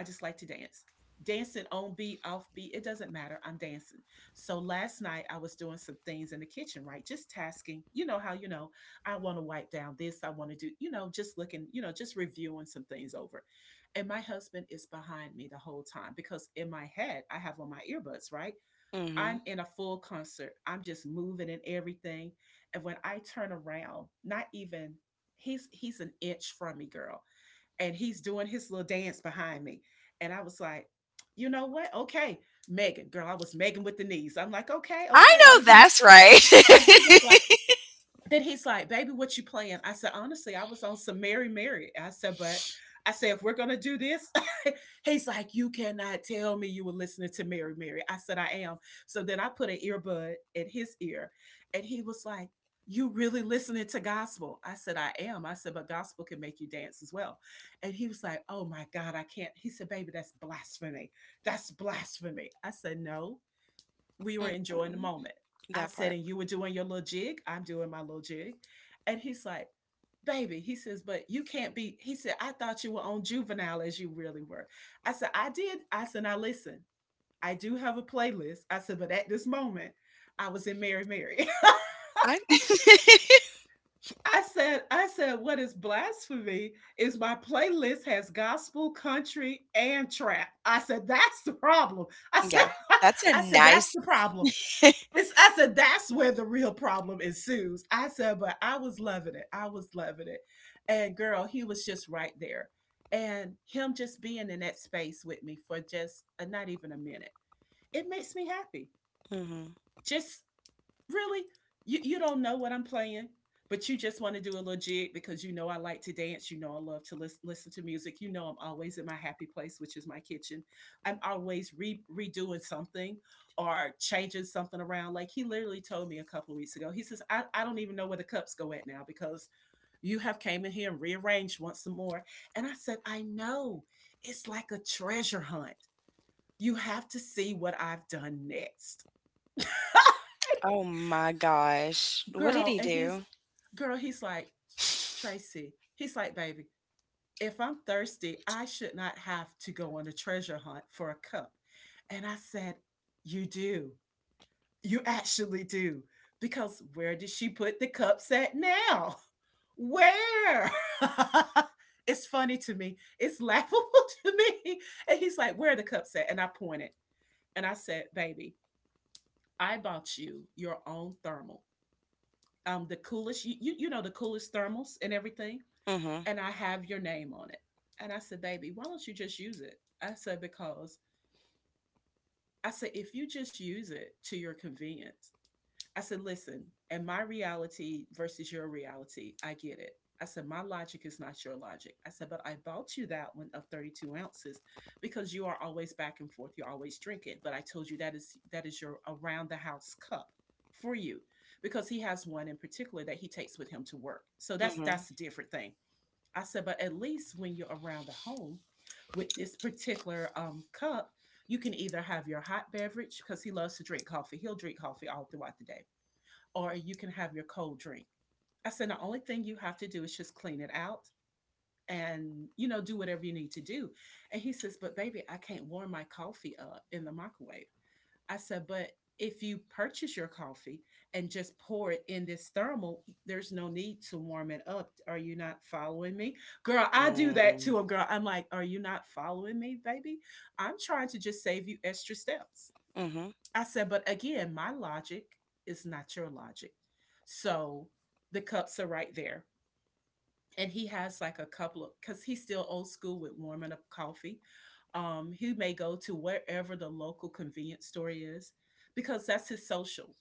S1: I just like to dance. Dancing on beat, off beat, it doesn't matter. I'm dancing. So last night I was doing some things in the kitchen, right? Just tasking. You know how, you know, I want to wipe down this, I want to do, you know, just looking, you know, just reviewing some things over. And my husband is behind me the whole time because in my head I have on my earbuds, right?
S2: Mhm.
S1: I'm in a full concert. I'm just moving and everything. And when I turn around, not even he's he's an inch from me, girl, and he's doing his little dance behind me. And I was like, you know what? Okay, Megan, girl, I was Megan with the knees. I'm like, okay,
S2: I
S1: okay. And then
S2: know
S1: he's
S2: that's right.
S1: and he was like, then he's like, baby, what you playing? I said, honestly, I was on some Mary Mary. I said, but I said, if we're gonna do this, he's like, you cannot tell me you were listening to Mary Mary. I said, I am. So then I put an earbud in his ear, and he was like, you really listening to gospel? I said, I am. I said, but gospel can make you dance as well. And he was like, oh my God, I can't. He said, baby, that's blasphemy. That's blasphemy. I said, no, we were enjoying the
S2: Mm-mm,
S1: moment. I
S2: that
S1: said,
S2: part.
S1: and you were doing your little jig. I'm doing my little jig. And he's like, baby, he says, but you can't be. He said, I thought you were on juvenile as you really were. I said, I did. I said, now listen, I do have a playlist. I said, but at this moment, I was in Mary Mary.
S2: I.
S1: I said, I said, what is blasphemy is my playlist has gospel, country, and trap. I said, that's the problem. I said,
S2: Yeah, that's a
S1: I said, that's
S2: nice.
S1: the problem. It's, I said, that's where the real problem ensues. I said, but I was loving it. I was loving it. And girl, he was just right there. And him just being in that space with me for just uh, not even a minute, it makes me happy.
S2: Mhm.
S1: Just really? You you don't know what I'm playing, but you just want to do a little jig because you know I like to dance. You know I love to lis- listen to music. You know I'm always in my happy place, which is my kitchen. I'm always re- redoing something or changing something around. Like he literally told me a couple of weeks ago. He says I, I don't even know where the cups go at now because you have came in here and rearranged once some more. And I said I know. It's like a treasure hunt. You have to see what I've done next.
S2: Oh my gosh. What did
S1: Girl,
S2: he
S1: and he's
S2: do?
S1: girl, he's like, "Tr- Tracy," he's like, "baby, if I'm thirsty, I should not have to go on a treasure hunt for a cup." And I said, you do. You actually do. Because where did she put the cups at now? Where? It's funny to me. It's laughable to me. And he's like, where are the cups at? And I pointed and I said, baby, I bought you your own thermal. Um, the coolest, you, you, you know, the coolest thermals and everything,
S2: Mm.
S1: and I have your name on it. And I said, baby, why don't you just use it? I said, because I said, if you just use it to your convenience, I said, listen, and my reality versus your reality, I get it. I said, my logic is not your logic. I said, but I bought you that one of 32 ounces because you are always back and forth. You're always drinking. But I told you that is that is your around the house cup for you, because he has one in particular that he takes with him to work. So that's
S2: Mhm. Mm.
S1: that's a different thing. I said, but at least when you're around the home with this particular um, cup, you can either have your hot beverage, because he loves to drink coffee. He'll drink coffee all throughout the day, or you can have your cold drink. I said, the only thing you have to do is just clean it out and, you know, do whatever you need to do. And he says, but baby, I can't warm my coffee up in the microwave. I said, but if you purchase your coffee and just pour it in this thermal, there's no need to warm it up. Are you not following me? Girl, I do
S2: Mhm.
S1: that
S2: Mm.
S1: too. And girl, I'm like, are you not following me, baby? I'm trying to just save you extra steps.
S2: Mhm.
S1: I said, but again, my logic is not your logic. So the cups are right there, and he has like a couple of, because he's still old school with warming up coffee. Um, he may go to wherever the local convenience store is, because that's his social.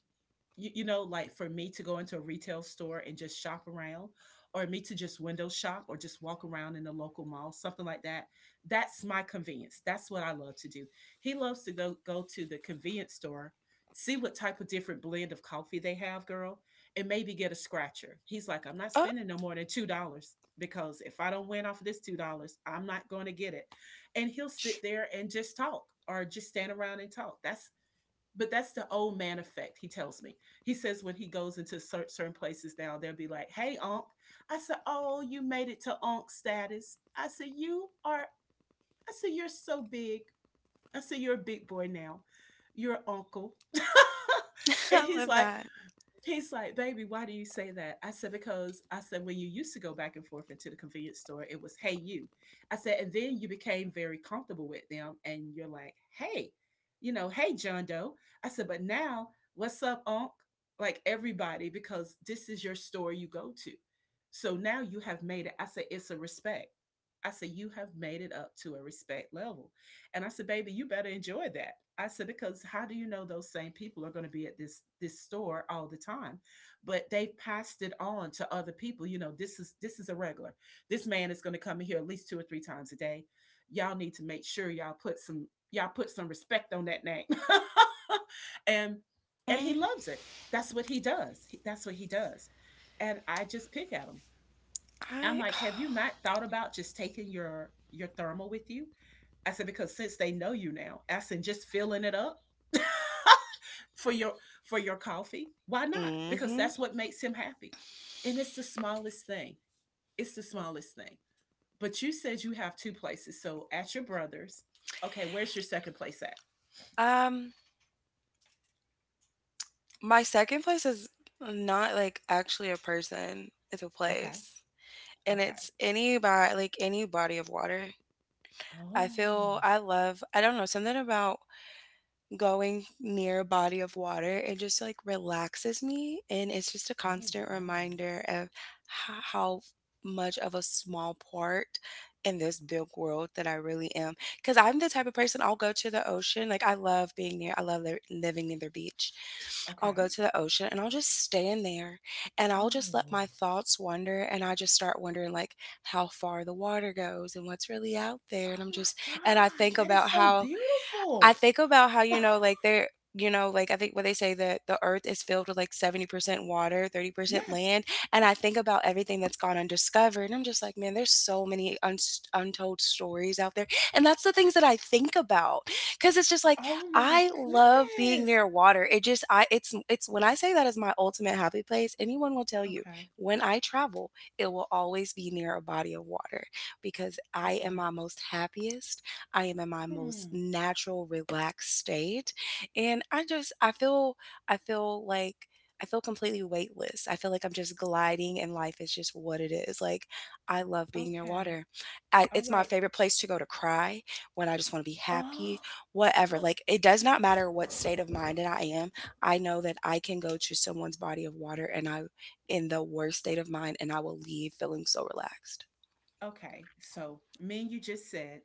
S1: you, you know, Like for me to go into a retail store and just shop around, or me to just window shop or just walk around in the local mall, something like that. That's my convenience. That's what I love to do. He loves to go go to the convenience store, see what type of different blend of coffee they have, girl, and maybe get a scratcher. He's like, I'm not
S2: Oh,
S1: spending no more than two dollars, because if I don't win off of this two dollars, I'm not going to get it. And he'll sit there and just talk or just stand around and talk. That's but that's the old man effect, he tells me. He says, when he goes into certain places now, they'll be like, hey, Unc. I said, oh, you made it to Unc status. I said, you are. I said, you're so big. I said, you're a big boy now. You're an uncle. and
S2: I
S1: he's
S2: love
S1: like
S2: that.
S1: He's like, baby, why do you say that? I said, because I said, when you used to go back and forth into the convenience store, it was, hey, you. I said, and then you became very comfortable with them and you're like, hey, you know, hey, John Doe. I said, but now, what's up, Unc? Like everybody, because this is your store you go to. So now you have made it. I said, it's a respect. I said, you have made it up to a respect level. And I said, baby, you better enjoy that. I said, because how do you know those same people are going to be at this this store all the time? But they've passed it on to other people. You know, this is this is a regular. This man is going to come in here at least two or three times a day. Y'all need to make sure y'all put some y'all put some respect on that name. and and he
S2: Mm.
S1: loves it. That's what he does. He- That's what he does. And I just pick at him. I'm
S2: I.
S1: like, have you not thought about just taking your your thermal with you? I said, because since they know you now, I said, just filling it up for your for your coffee. Why not? Because
S2: Mhm.
S1: that's what makes him happy. And it's the smallest thing. It's the smallest thing. But you said you have two places. So at your brother's, okay, where's your second place at?
S2: Um, my second place is not like actually a person. It's a
S1: Okay.
S2: place. And
S1: Okay.
S2: it's any by like any body of water. I feel
S1: Oh.
S2: I love I don't know, something about going near a body of water, it just like relaxes me, and it's just a
S1: Oh
S2: constant
S1: wow.
S2: reminder of h- how much of a small part in this big world that I really am, because I'm the type of person I'll go to the ocean, like, I love being near I love li- living near the beach. I'll go
S1: Okay.
S2: to the ocean and I'll just stay in there, and I'll just let
S1: Oh.
S2: my thoughts wander, and I just start wondering like how far the water goes and what's really out there. And
S1: Oh
S2: I'm
S1: my
S2: just, and I
S1: God.
S2: think
S1: That is
S2: about
S1: so
S2: how I
S1: beautiful.
S2: think about how, you know, like they're you know, like I think, when they say that the earth is filled with like seventy percent water, thirty percent
S1: Yes.
S2: land, and I think about everything that's gone undiscovered. And I'm just like, man, there's so many un- untold stories out there. And that's the things that I think about, cuz it's just like,
S1: Oh my
S2: I love being
S1: goodness.
S2: near water. It just I it's it's when I say that is my ultimate happy place, anyone will tell you,
S1: Okay.
S2: when I travel, it will always be near a body of water, because I am
S1: Okay.
S2: my most happiest I am in my most
S1: Hmm,
S2: natural, relaxed state. And I just I feel I feel like I feel completely weightless. I feel like I'm just gliding and life is just what it is. Like, I love being near
S1: okay.
S2: water. I,
S1: All
S2: it's my
S1: right.
S2: favorite place to go to cry, when I just want to be happy,
S1: Oh,
S2: whatever. Like, it does not matter what state of mind that I am, I know that I can go to someone's body of water, and I, in the worst state of mind, and I will leave feeling so relaxed.
S1: okay. So, me and you just said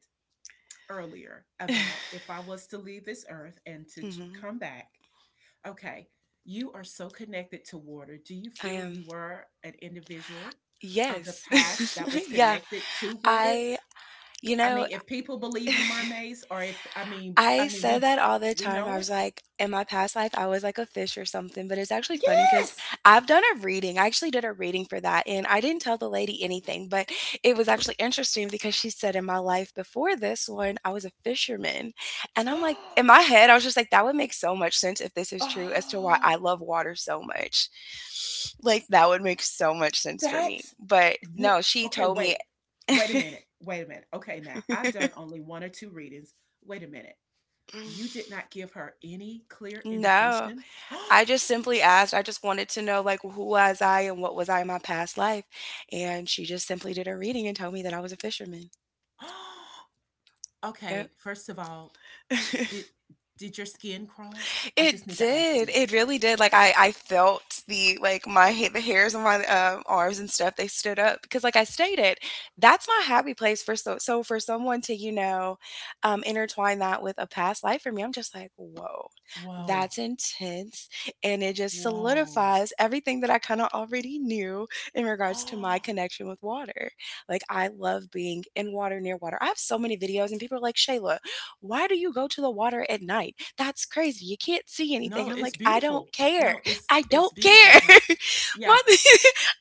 S1: earlier about if I was to leave this earth and to ch-
S2: Hmm.
S1: come back, okay, you are so connected to water. Do you
S2: I
S1: feel you
S2: am.
S1: were an individual of the past
S2: Yes.
S1: that was
S2: Yeah.
S1: connected to water?
S2: I, you
S1: I
S2: know,
S1: mean, if people believe in mermaids, or if I mean, I
S2: I
S1: mean, we
S2: said
S1: d-
S2: that all the
S1: we
S2: time. I
S1: know
S2: was
S1: it.
S2: like, in my past life, I was like a fish or something, but it's actually funny, because
S1: Yes.
S2: I've done a reading. I actually did a reading for that, and I didn't tell the lady anything, but it was actually interesting, because she said, in my life before this one, I was a fisherman. And I'm like, in my head, I was just like, that would make so much sense if this is true, as to why
S1: Oh.
S2: I love water so much. Like, that would make so much sense for me.
S1: That's
S2: But
S1: what
S2: no, she
S1: Okay,
S2: told me,
S1: wait. Wait a minute. Wait a minute. Okay, now I've done only one or two readings. Wait a minute. You did not give her any clear
S2: no.
S1: indication?
S2: I just simply asked, I just wanted to know, like, who was I and what was I in my past life? And she just simply did a reading and told me that I was a fisherman.
S1: Okay,
S2: Yep.
S1: first of all, did did your skin crawl? I just
S2: It
S1: need to ask
S2: did.
S1: you.
S2: It really did. Like, I, I felt the, like, my ha- the hairs on my um, arms and stuff. They stood up because, like I stated, that's my happy place for so. So for someone to, you know, um, intertwine that with a past life for me, I'm just like, whoa,
S1: Whoa.
S2: that's intense, and it just
S1: Whoa.
S2: solidifies everything that I kind of already knew in regards to my connection with water. Like, I love being in water, near water. I have so many videos, and people are like, Shayla, why do you go to the water at night? That's crazy. You can't see
S1: No,
S2: anything. I'm
S1: it's
S2: like, I
S1: beautiful.
S2: don't care.
S1: No, it's
S2: I
S1: it's
S2: don't
S1: beautiful.
S2: care.
S1: No,
S2: My.
S1: yeah,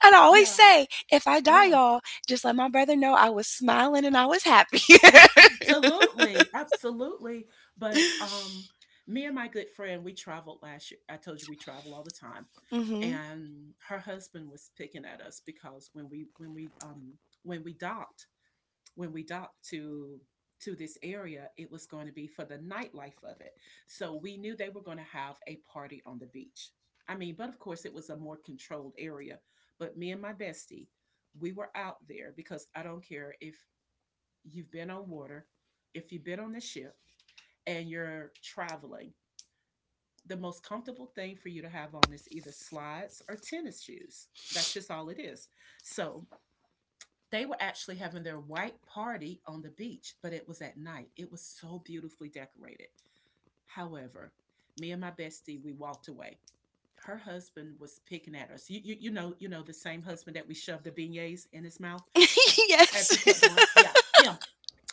S2: I'd always
S1: yeah,
S2: say, if I die,
S1: yeah.
S2: y'all, just let my brother know I was smiling and I was happy.
S1: Absolutely, absolutely. But um, me and my good friend, we traveled last year. I told you we travel all the time,
S2: Mm hmm.
S1: and her husband was picking at us because when we when we um when we docked when we docked to to this area, it was going to be for the nightlife of it. So we knew they were going to have a party on the beach. I mean, but of course, it was a more controlled area. But me and my bestie, we were out there because I don't care if you've been on water, if you've been on the ship and you're traveling, the most comfortable thing for you to have on is either slides or tennis shoes. That's just all it is. So they were actually having their white party on the beach, but it was at night. It was so beautifully decorated. However, me and my bestie, we walked away. Her husband was picking at us. You, you, you know, you know, the same husband that we shoved the beignets in his mouth as we kept
S2: Yes.
S1: going. Yeah, him,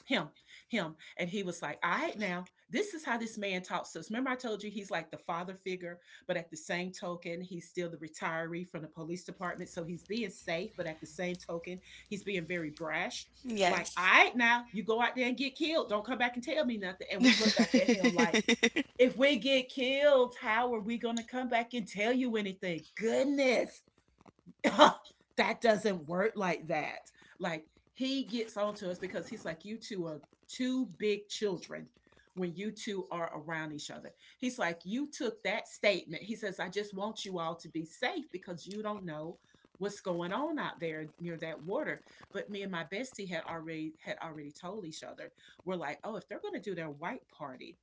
S1: him him And he was like, all right, now this is how this man talks to us. Remember, I told you, he's like the father figure, but at the same token he's still the retiree from the police department. So he's being safe, but at the same token he's being very brash. Like, all
S2: Yes.
S1: right, now you go out there and get killed, don't come back and tell me nothing. And
S2: Mm
S1: we look back at him like, if we get killed, how are we going to come back and tell you anything? Goodness. That doesn't work like that. Like, he gets on to us because he's like, you two are two big children when you two are around each other. He's like, you took that statement. He says, I just want you all to be safe because you don't know what's going on out there near that water. But me and my bestie had already had already told each other, we're like, oh, if they're gonna do their white party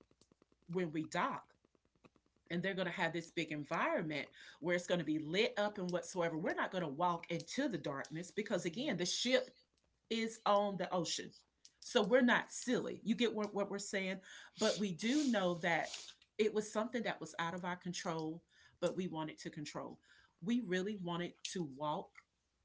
S1: when we dock, and they're going to have this big environment where it's going to be lit up and whatsoever. We're not going to walk into the darkness because, again, the ship is on the ocean. So we're not silly. You get what, what we're saying? But we do know that it was something that was out of our control, but we wanted to control. We really wanted to walk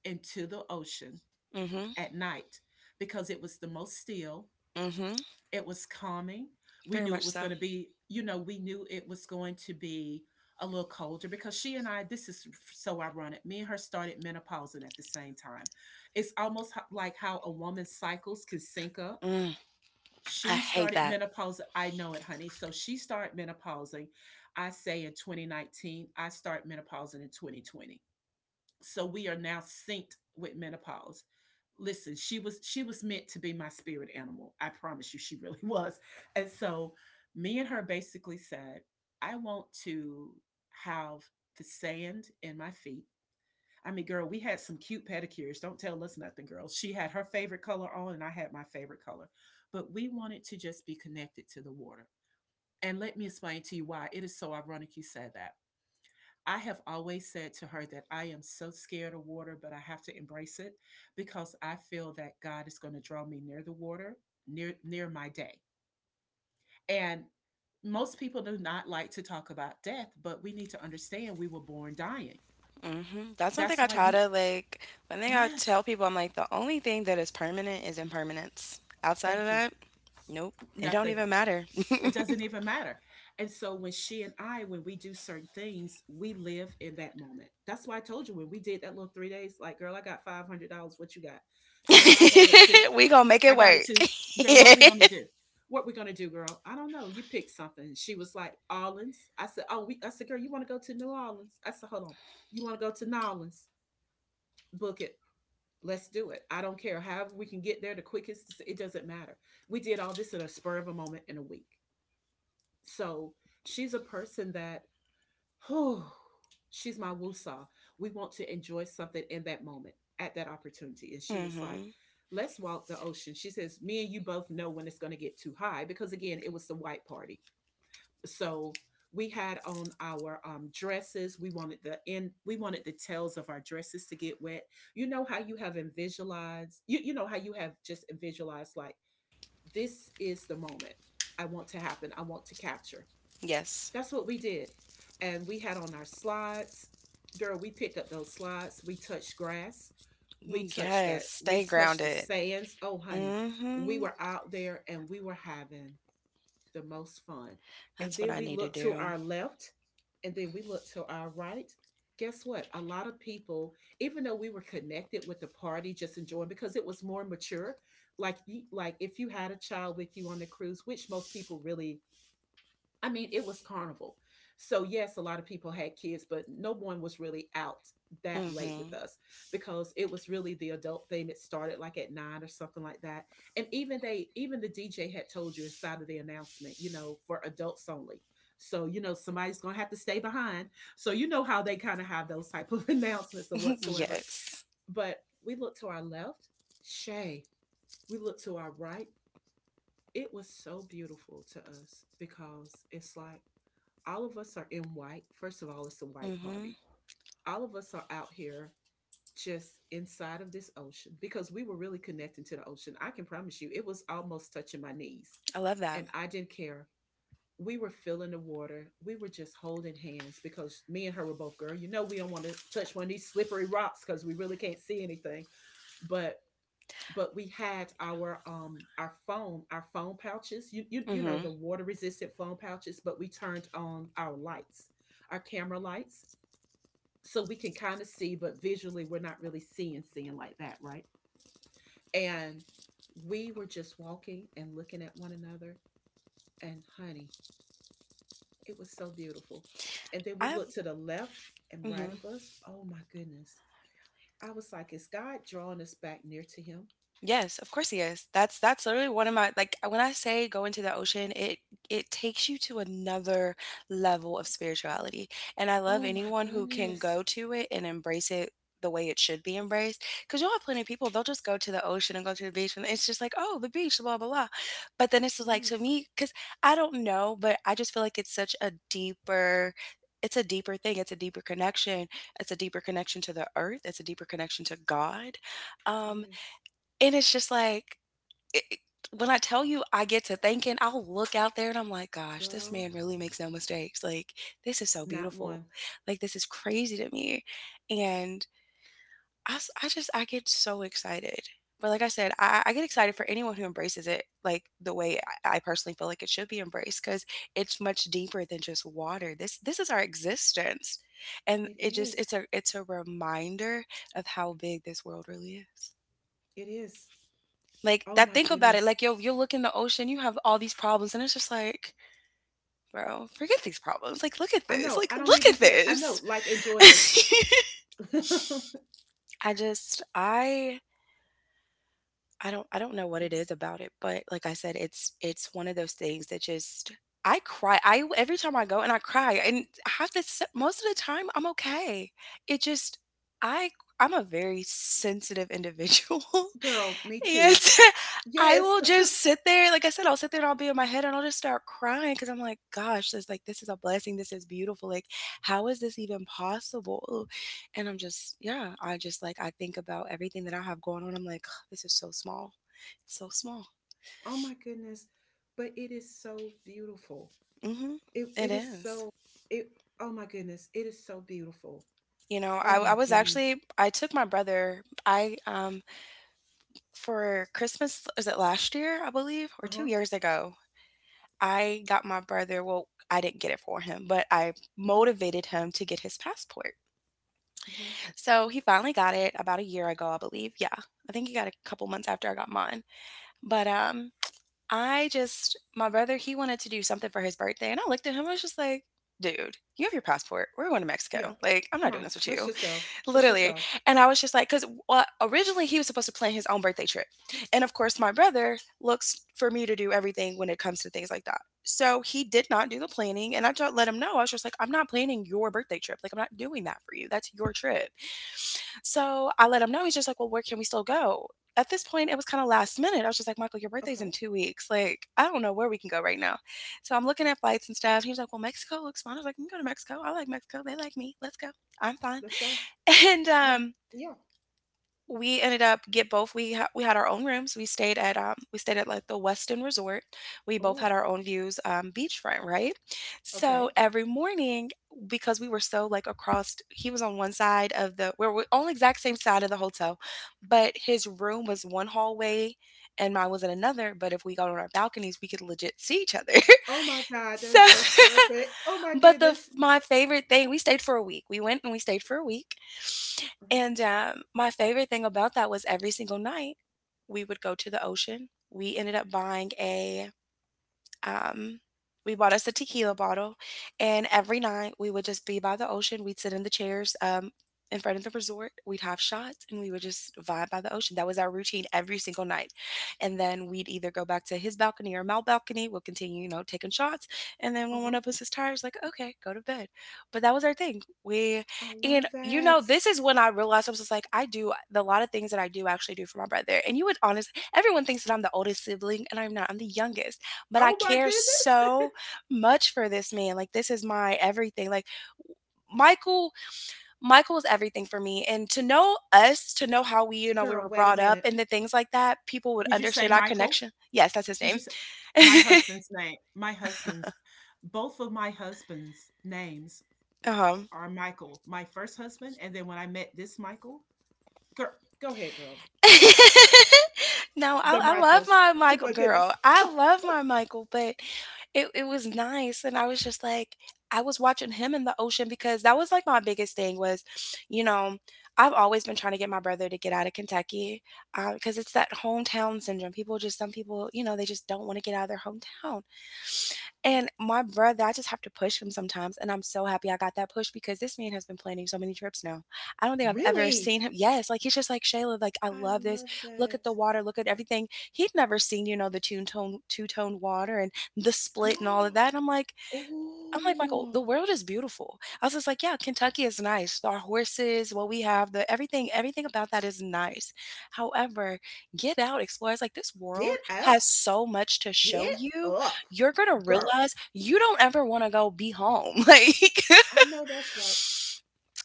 S1: into the ocean
S2: hmm.
S1: at night because it was the most still,
S2: Mm hmm.
S1: it was calming. We
S2: Very
S1: knew it
S2: much
S1: was
S2: so.
S1: gonna be, you know, we knew it was going to be a little colder because she and I this is so ironic. Me and her started menopausing at the same time. It's almost ho like how a woman's cycles can sync up.
S2: Mm, I
S1: She
S2: hate
S1: started
S2: that.
S1: menopause, I know it, honey. So she started menopausing, I say in twenty nineteen, I start menopausing in twenty twenty. So we are now synced with menopause. Listen, she was she was meant to be my spirit animal. I promise you, she really was. And so me and her basically said, I want to have the sand in my feet. I mean, girl, we had some cute pedicures. Don't tell us nothing, girl. She had her favorite color on, and I had my favorite color. But we wanted to just be connected to the water. And let me explain to you why it is so ironic you said that. I have always said to her that I am so scared of water, but I have to embrace it because I feel that God is going to draw me near the water, near near my day. And most people do not like to talk about death, but we need to understand we were born dying.
S2: Mhm. That's something
S1: That's
S2: I
S1: why
S2: try
S1: you.
S2: to, like, one thing I
S1: Yes,
S2: tell people, I'm like, the only thing that is permanent is impermanence. Outside of
S1: thank you.
S2: that, nope. It don't
S1: Nothing.
S2: even matter.
S1: It doesn't even matter. And so when she and I, when we do certain things, we live in that moment. That's why I told you when we did that little three days, like, girl, I got five hundred dollars. What you got? Girl, I got it too.
S2: We gonna make
S1: I
S2: it
S1: got it
S2: work.
S1: too. Girl, what we gonna do? What we gonna do, girl? I don't know. You pick something. She was like, Orleans. I said, Oh, we I said, girl, you wanna go to New Orleans? I said, hold on. You wanna go to New Orleans? Book it. Let's do it. I don't care. However, we can get there the quickest, it doesn't matter. We did all this in a spur of a moment in a week. So she's a person that, whew, she's my woosah. We want to enjoy something in that moment, at that opportunity. And she was like,
S2: Mhm.
S1: let's walk the ocean. She says, me and you both know when it's going to get too high because, again, it was the white party. So we had on our um, dresses. We wanted the end. We wanted the tails of our dresses to get wet. You know how you have in visualized. You you know how you have just visualized, like, this is the moment I want to happen. I want to capture.
S2: Yes.
S1: That's what we did. And we had on our slides. Girl, we picked up those slides. We touched grass. We touched
S2: Yes.
S1: that. We
S2: Stay
S1: touched the
S2: grounded.
S1: sands. Oh, honey, we
S2: Mhm.
S1: were out there and we were having the most fun. And
S2: That's what
S1: then
S2: I
S1: we
S2: need to
S1: looked to
S2: do.
S1: our left and then we looked to our right. Guess what? A lot of people, even though we were connected with the party, just enjoying because it was more mature. Like, the- like if you had a child with you on the cruise, which most people really, I mean, it was carnival. So, yes, a lot of people had kids, but no one was really out that late with
S2: Mhm.
S1: us because it was really the adult thing. It started like at nine or something like that. And even they, even the D J had told you inside of the announcement, you know, for adults only. So, you know, somebody's going to have to stay behind. So, you know how they kind of have those type of announcements or whatsoever.
S2: Yes.
S1: But we looked to our left, Shay. We looked to our right. It was so beautiful to us because it's like, all of us are in white. First of all, it's a white
S2: Mhm.
S1: party. All of us are out here just inside of this ocean because we were really connecting to the ocean. I can promise you, it was almost touching my knees,
S2: I love that.
S1: and I didn't care. We were filling the water. We were just holding hands because me and her were both, girl, you know, we don't want to touch one of these slippery rocks because we really can't see anything. But but we had our um our phone our phone pouches, you you, you know the
S2: Mhm.
S1: water resistant phone pouches, but we turned on our lights, our camera lights so we can kind of see. But visually we're not really seeing seeing like that, right? And we were just walking and looking at one another, and honey, it was so beautiful. And then we
S2: I.
S1: looked to the left and right
S2: Mhm.
S1: of us. Oh my goodness, I was like, is God drawing us back near to him?
S2: Yes, of course he is. That's that's literally one of my, like, when I say go into the ocean, it it takes you to another level of spirituality. And I love
S1: Oh my
S2: anyone who can
S1: goodness.
S2: go to it and embrace it the way it should be embraced. Because you'll have plenty of people, they'll just go to the ocean and go to the beach and it's just like, oh, the beach, blah, blah, blah. But then it's just like, to
S1: Yes.
S2: me, because I don't know, but I just feel like it's such a deeper it's a deeper thing. It's a deeper connection. It's a deeper connection to the earth. It's a deeper connection to God.
S1: It
S2: Um,
S1: is.
S2: and it's just like, it it, when I tell you, I get to thinking, I'll look out there and I'm like, "Gosh, this
S1: Girl,
S2: man really makes no mistakes, like, this is so
S1: not
S2: beautiful.
S1: one.
S2: Like, this is crazy to me." And I s I just I get so excited. But like I said, I I get excited for anyone who embraces it, like, the way I I personally feel like it should be embraced, because it's much deeper than just water. This this is our existence, and
S1: It
S2: it just it's
S1: is.
S2: a it's a reminder of how big this world really is.
S1: It is.
S2: Like,
S1: Oh
S2: that
S1: my
S2: think about it,
S1: goodness.
S2: like, yo, you'll look in the ocean, you have all these problems, and it's just like, bro, forget these problems. Like, look at
S1: I
S2: this.
S1: know.
S2: Like,
S1: I don't
S2: look
S1: even
S2: at
S1: care. I know.
S2: this.
S1: Like, enjoy this.
S2: I just I I don't I don't know what it is about it, but like I said, it's it's one of those things that just, I cry. I every time I go and I cry, and half this most of the time I'm okay. It just I I'm a very sensitive individual.
S1: Girl, me
S2: And
S1: too.
S2: I
S1: Yes.
S2: will just sit there. Like I said, I'll sit there and I'll be in my head and I'll just start crying, because I'm like, gosh, this, like, this is a blessing. This is beautiful. Like, how is this even possible? And I'm just, yeah, I just like, I think about everything that I have going on. I'm like, this is so small. It's so small.
S1: Oh my goodness. But it is so beautiful.
S2: Mm-hmm.
S1: It
S2: It
S1: it is
S2: is.
S1: so it oh my goodness. It is so beautiful.
S2: You know, I,
S1: Oh
S2: I
S1: my
S2: was
S1: goodness.
S2: actually, I took my brother, I um, for Christmas, was it last year I believe, or two
S1: Uh-huh.
S2: years ago, I got my brother, well, I didn't get it for him, but I
S1: Hmm.
S2: motivated him to get his passport.
S1: Hmm.
S2: So he finally got it about a year ago, I believe. Yeah. I think he got it a couple months after I got mine. But um I just my brother, he wanted to do something for his birthday, and I looked at him, I was just like, dude, you have your passport. We're going to
S1: Yeah.
S2: Mexico. Like, I'm not
S1: Come
S2: doing
S1: on.
S2: this with
S1: Let's
S2: you.
S1: just go. Let's just
S2: Literally.
S1: go.
S2: And I was just like, because, well, originally he was supposed to plan his own birthday trip. And of course, my brother looks for me to do everything when it comes to things like that. So he did not do the planning. And I just let him know. I was just like, I'm not planning your birthday trip. Like, I'm not doing that for you. That's your trip. So I let him know. He's just like, well, where can we still go? At this point, it was kind of last minute. I was just like, Michael, your birthday's in
S1: Okay.
S2: two weeks. Like, I don't know where we can go right now. So I'm looking at flights and stuff. He was like, well, Mexico looks fun. I was like, we can go to Mexico. I like Mexico. They like me. Let's go. I'm fine,
S1: Let's go.
S2: and
S1: Yeah.
S2: um
S1: Yeah.
S2: we ended up get both we ha- we had our own rooms. We stayed at um we stayed at like the Westin resort. We both
S1: Oh.
S2: had our own views, um beachfront, right? So
S1: Okay.
S2: every morning, because we were so like across, he was on one side of the we we're on the exact same side of the hotel, but his room was one hallway and mine was in another. But if we got on our balconies, we could legit see each other.
S1: Oh my God, that
S2: So
S1: is so perfect. Oh my
S2: but the f-
S1: goodness.
S2: my favorite thing, we stayed for a week. We went and we stayed for a week
S1: Mhm,
S2: And, um, my favorite thing about that was every single night, we would go to the ocean. We ended up buying a um, we bought us a tequila bottle, and every night we would just be by the ocean. We'd sit in the chairs, um, in front of the resort. We'd have shots, and we would just vibe by the ocean. That was our routine every single night. And then we'd either go back to his balcony or my balcony. We'll continue, you know, taking shots. And then when
S1: mhm.
S2: one of us is tired, it's like, okay, go to bed. But that was our thing. We,
S1: I
S2: and
S1: love
S2: you know,
S1: that.
S2: this is when I realized. I was just like, I do the lot of things that I do actually do for my brother. And you would honestly, everyone thinks that I'm the oldest sibling, and I'm not. I'm the youngest, but I
S1: Oh my
S2: care
S1: goodness.
S2: so much for this man. Like, this is my everything. Like Michael, Michael is everything for me. And to know us, to know how we, you know, we
S1: Girl,
S2: were
S1: wait a
S2: brought up
S1: minute.
S2: and the things like that, people would
S1: Did you say
S2: understand our
S1: Michael?
S2: connection. Yes, that's his
S1: Did you
S2: name.
S1: say my husband's name? My husband's, both of my husband's names
S2: um
S1: are Michael. My first husband, and then when I met this Michael, girl, go ahead, girl.
S2: No, I,
S1: The
S2: I love
S1: Michaels.
S2: my
S1: Oh
S2: Michael,
S1: my goodness.
S2: girl. I love my Michael. But it, it was nice. And I was just like, I was watching him in the ocean, because that was like my biggest thing was, you know, I've always been trying to get my brother to get out of Kentucky because it's that hometown syndrome. People just, some people, you know, they just don't want to get out of their hometown. And my brother, I just have to push him sometimes. And I'm so happy I got that push, because this man has been planning so many trips now. I don't think I've ever
S1: Really?
S2: seen him. Yes, like he's just like, Shayla, like I
S1: I
S2: love this.
S1: love
S2: Look at
S1: that.
S2: the water, look at everything. He'd never seen, you know, the two tone two tone water and the split and all of that. And I'm like, I'm like, Michael,
S1: Oh.
S2: the world is beautiful. I was just like, yeah, Kentucky is nice. Our horses, what we have, the everything, everything about that is nice. However, get out, explore. It's like this world
S1: Get
S2: has
S1: up.
S2: so much to show
S1: Get
S2: you.
S1: up,
S2: You're gonna
S1: girl.
S2: realize you don't ever want to go be home. Like,
S1: I know that's right.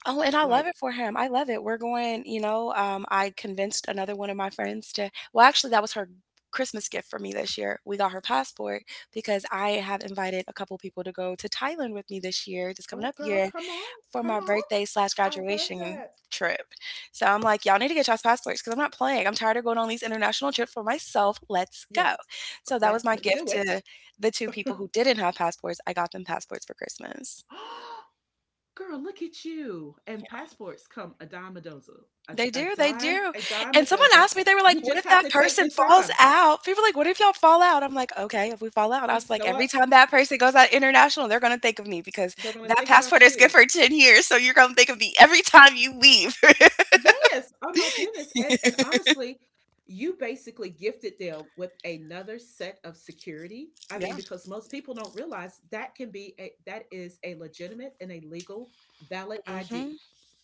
S2: oh, and I love it
S1: Like,
S2: for him. I love it. We're going, you know, um, I convinced another one of my friends to, well, actually, that was her Christmas gift for me this year. We got her passport, because I have invited a couple people to go to Thailand with me this year, this coming
S1: oh,
S2: up
S1: girl,
S2: year,
S1: come on.
S2: for
S1: Come
S2: my
S1: on.
S2: birthday slash
S1: I love
S2: graduation
S1: that.
S2: trip. So I'm like, y'all need to get y'all's passports, because I'm not playing. I'm tired of going on these international trips for myself. Let's go.
S1: Yes.
S2: So that was
S1: Let's
S2: my gift
S1: do it.
S2: to the two people
S1: Girl,
S2: who didn't have passports. I got them passports for Christmas.
S1: look at you. And passports come a dime a dozen. A,
S2: They
S1: a
S2: do, they
S1: dime,
S2: do,
S1: a dime a
S2: and someone
S1: dozen.
S2: asked me, they were like,
S1: You
S2: "What
S1: just
S2: if
S1: have
S2: that
S1: to take
S2: person
S1: the
S2: falls
S1: time.
S2: out?" People are like, "What if y'all fall out?" I'm like, "Okay, if we fall out," I
S1: And
S2: was like,
S1: so
S2: "Every
S1: what?
S2: time that
S1: Uh,
S2: person goes out international, they're gonna think of me, because
S1: They're going to
S2: that
S1: think about
S2: passport is good
S1: you.
S2: for ten years, so you're gonna think of me every time you leave."
S1: Yes. Oh my goodness. And and honestly, you basically gifted them with another set of security. I mean,
S2: Yeah,
S1: because most people don't realize that can be a that is a legitimate and a legal valid
S2: mhm.
S1: I D.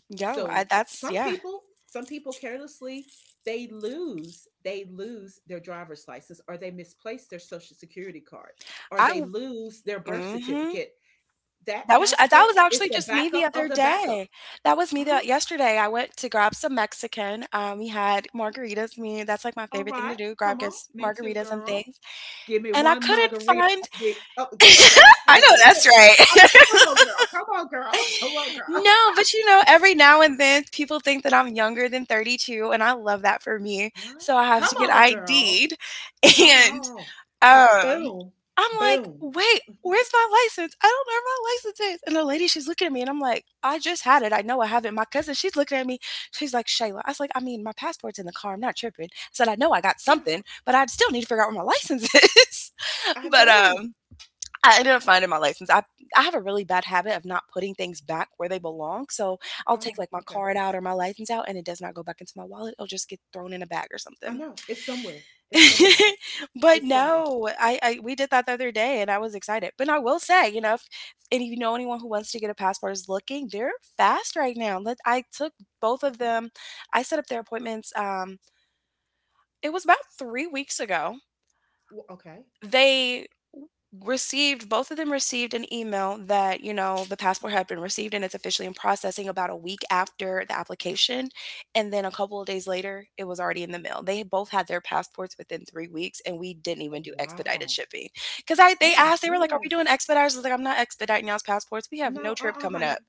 S2: Yo, I
S1: So
S2: that's
S1: some
S2: yeah.
S1: people, some people carelessly, they lose, they lose their driver's license, or they misplace their social security card, or
S2: I
S1: they
S2: w
S1: lose their birth
S2: mhm.
S1: certificate. That
S2: That was uh, that
S1: passport
S2: was
S1: is
S2: actually
S1: the
S2: just me the
S1: backup of
S2: other
S1: the
S2: day.
S1: backup.
S2: That was me the
S1: Uh-huh.
S2: yesterday, I went to grab some Mexican, um, we had margaritas. Me, that's, like, my
S1: All
S2: favorite thing to
S1: right,
S2: do, grab
S1: come on.
S2: gets
S1: Me too,
S2: margaritas and
S1: girl.
S2: things.
S1: Give me
S2: And I
S1: one
S2: couldn't
S1: margarita.
S2: find
S1: Oh, g- oh, girl. Hold
S2: I know
S1: on.
S2: that's
S1: Come on,
S2: right.
S1: come on, girl. Come on, girl. Come on, girl.
S2: No, but you know, every now and then people think that I'm younger than thirty-two, and I love that for me.
S1: What?
S2: So I have
S1: Come
S2: to get
S1: on, girl.
S2: ID'd.
S1: Come
S2: And
S1: on. Like,
S2: um,
S1: boom,
S2: I'm like,
S1: boom.
S2: wait, where's my license? I don't know where my license is. And the lady, she's looking at me, and I'm like, I just had it. I know I have it. My cousin, she's looking at me. She's like, Shayla. I was like, I mean, my passport's in the car. I'm not tripping. I said, I know I got
S1: Yeah,
S2: something, but I still need to figure out where my license is.
S1: I
S2: but
S1: know.
S2: um, I ended up finding my license. I I have a really bad habit of not putting things back where they belong. So I'll
S1: Oh,
S2: take like my
S1: okay.
S2: card out or my license out and it does not go back into my wallet. It'll just get thrown in a bag or
S1: I
S2: something.
S1: know. It's somewhere. It's somewhere.
S2: But
S1: It's somewhere.
S2: no, I, I we did that the other day and I was excited. But I will say, you know, if and of you know anyone who wants to get a passport is looking, they're fast right now. Let I took both of them. I set up their appointments. Um, it was about three weeks ago.
S1: W- okay.
S2: They received, both of them received an email that you know the passport had been received and it's officially in processing about a week after the application. And then a couple of days later, it was already in the mail. They had both had their passports within three weeks, and we didn't
S1: Oh,
S2: even do expedited
S1: wow.
S2: shipping, because I
S1: Oh,
S2: they
S1: my
S2: asked, they were like, are we
S1: goodness.
S2: doing expediters? I was like, I'm not expediting y'all's passports. We have
S1: No,
S2: no
S1: uh
S2: trip
S1: uh
S2: coming up.
S1: honey.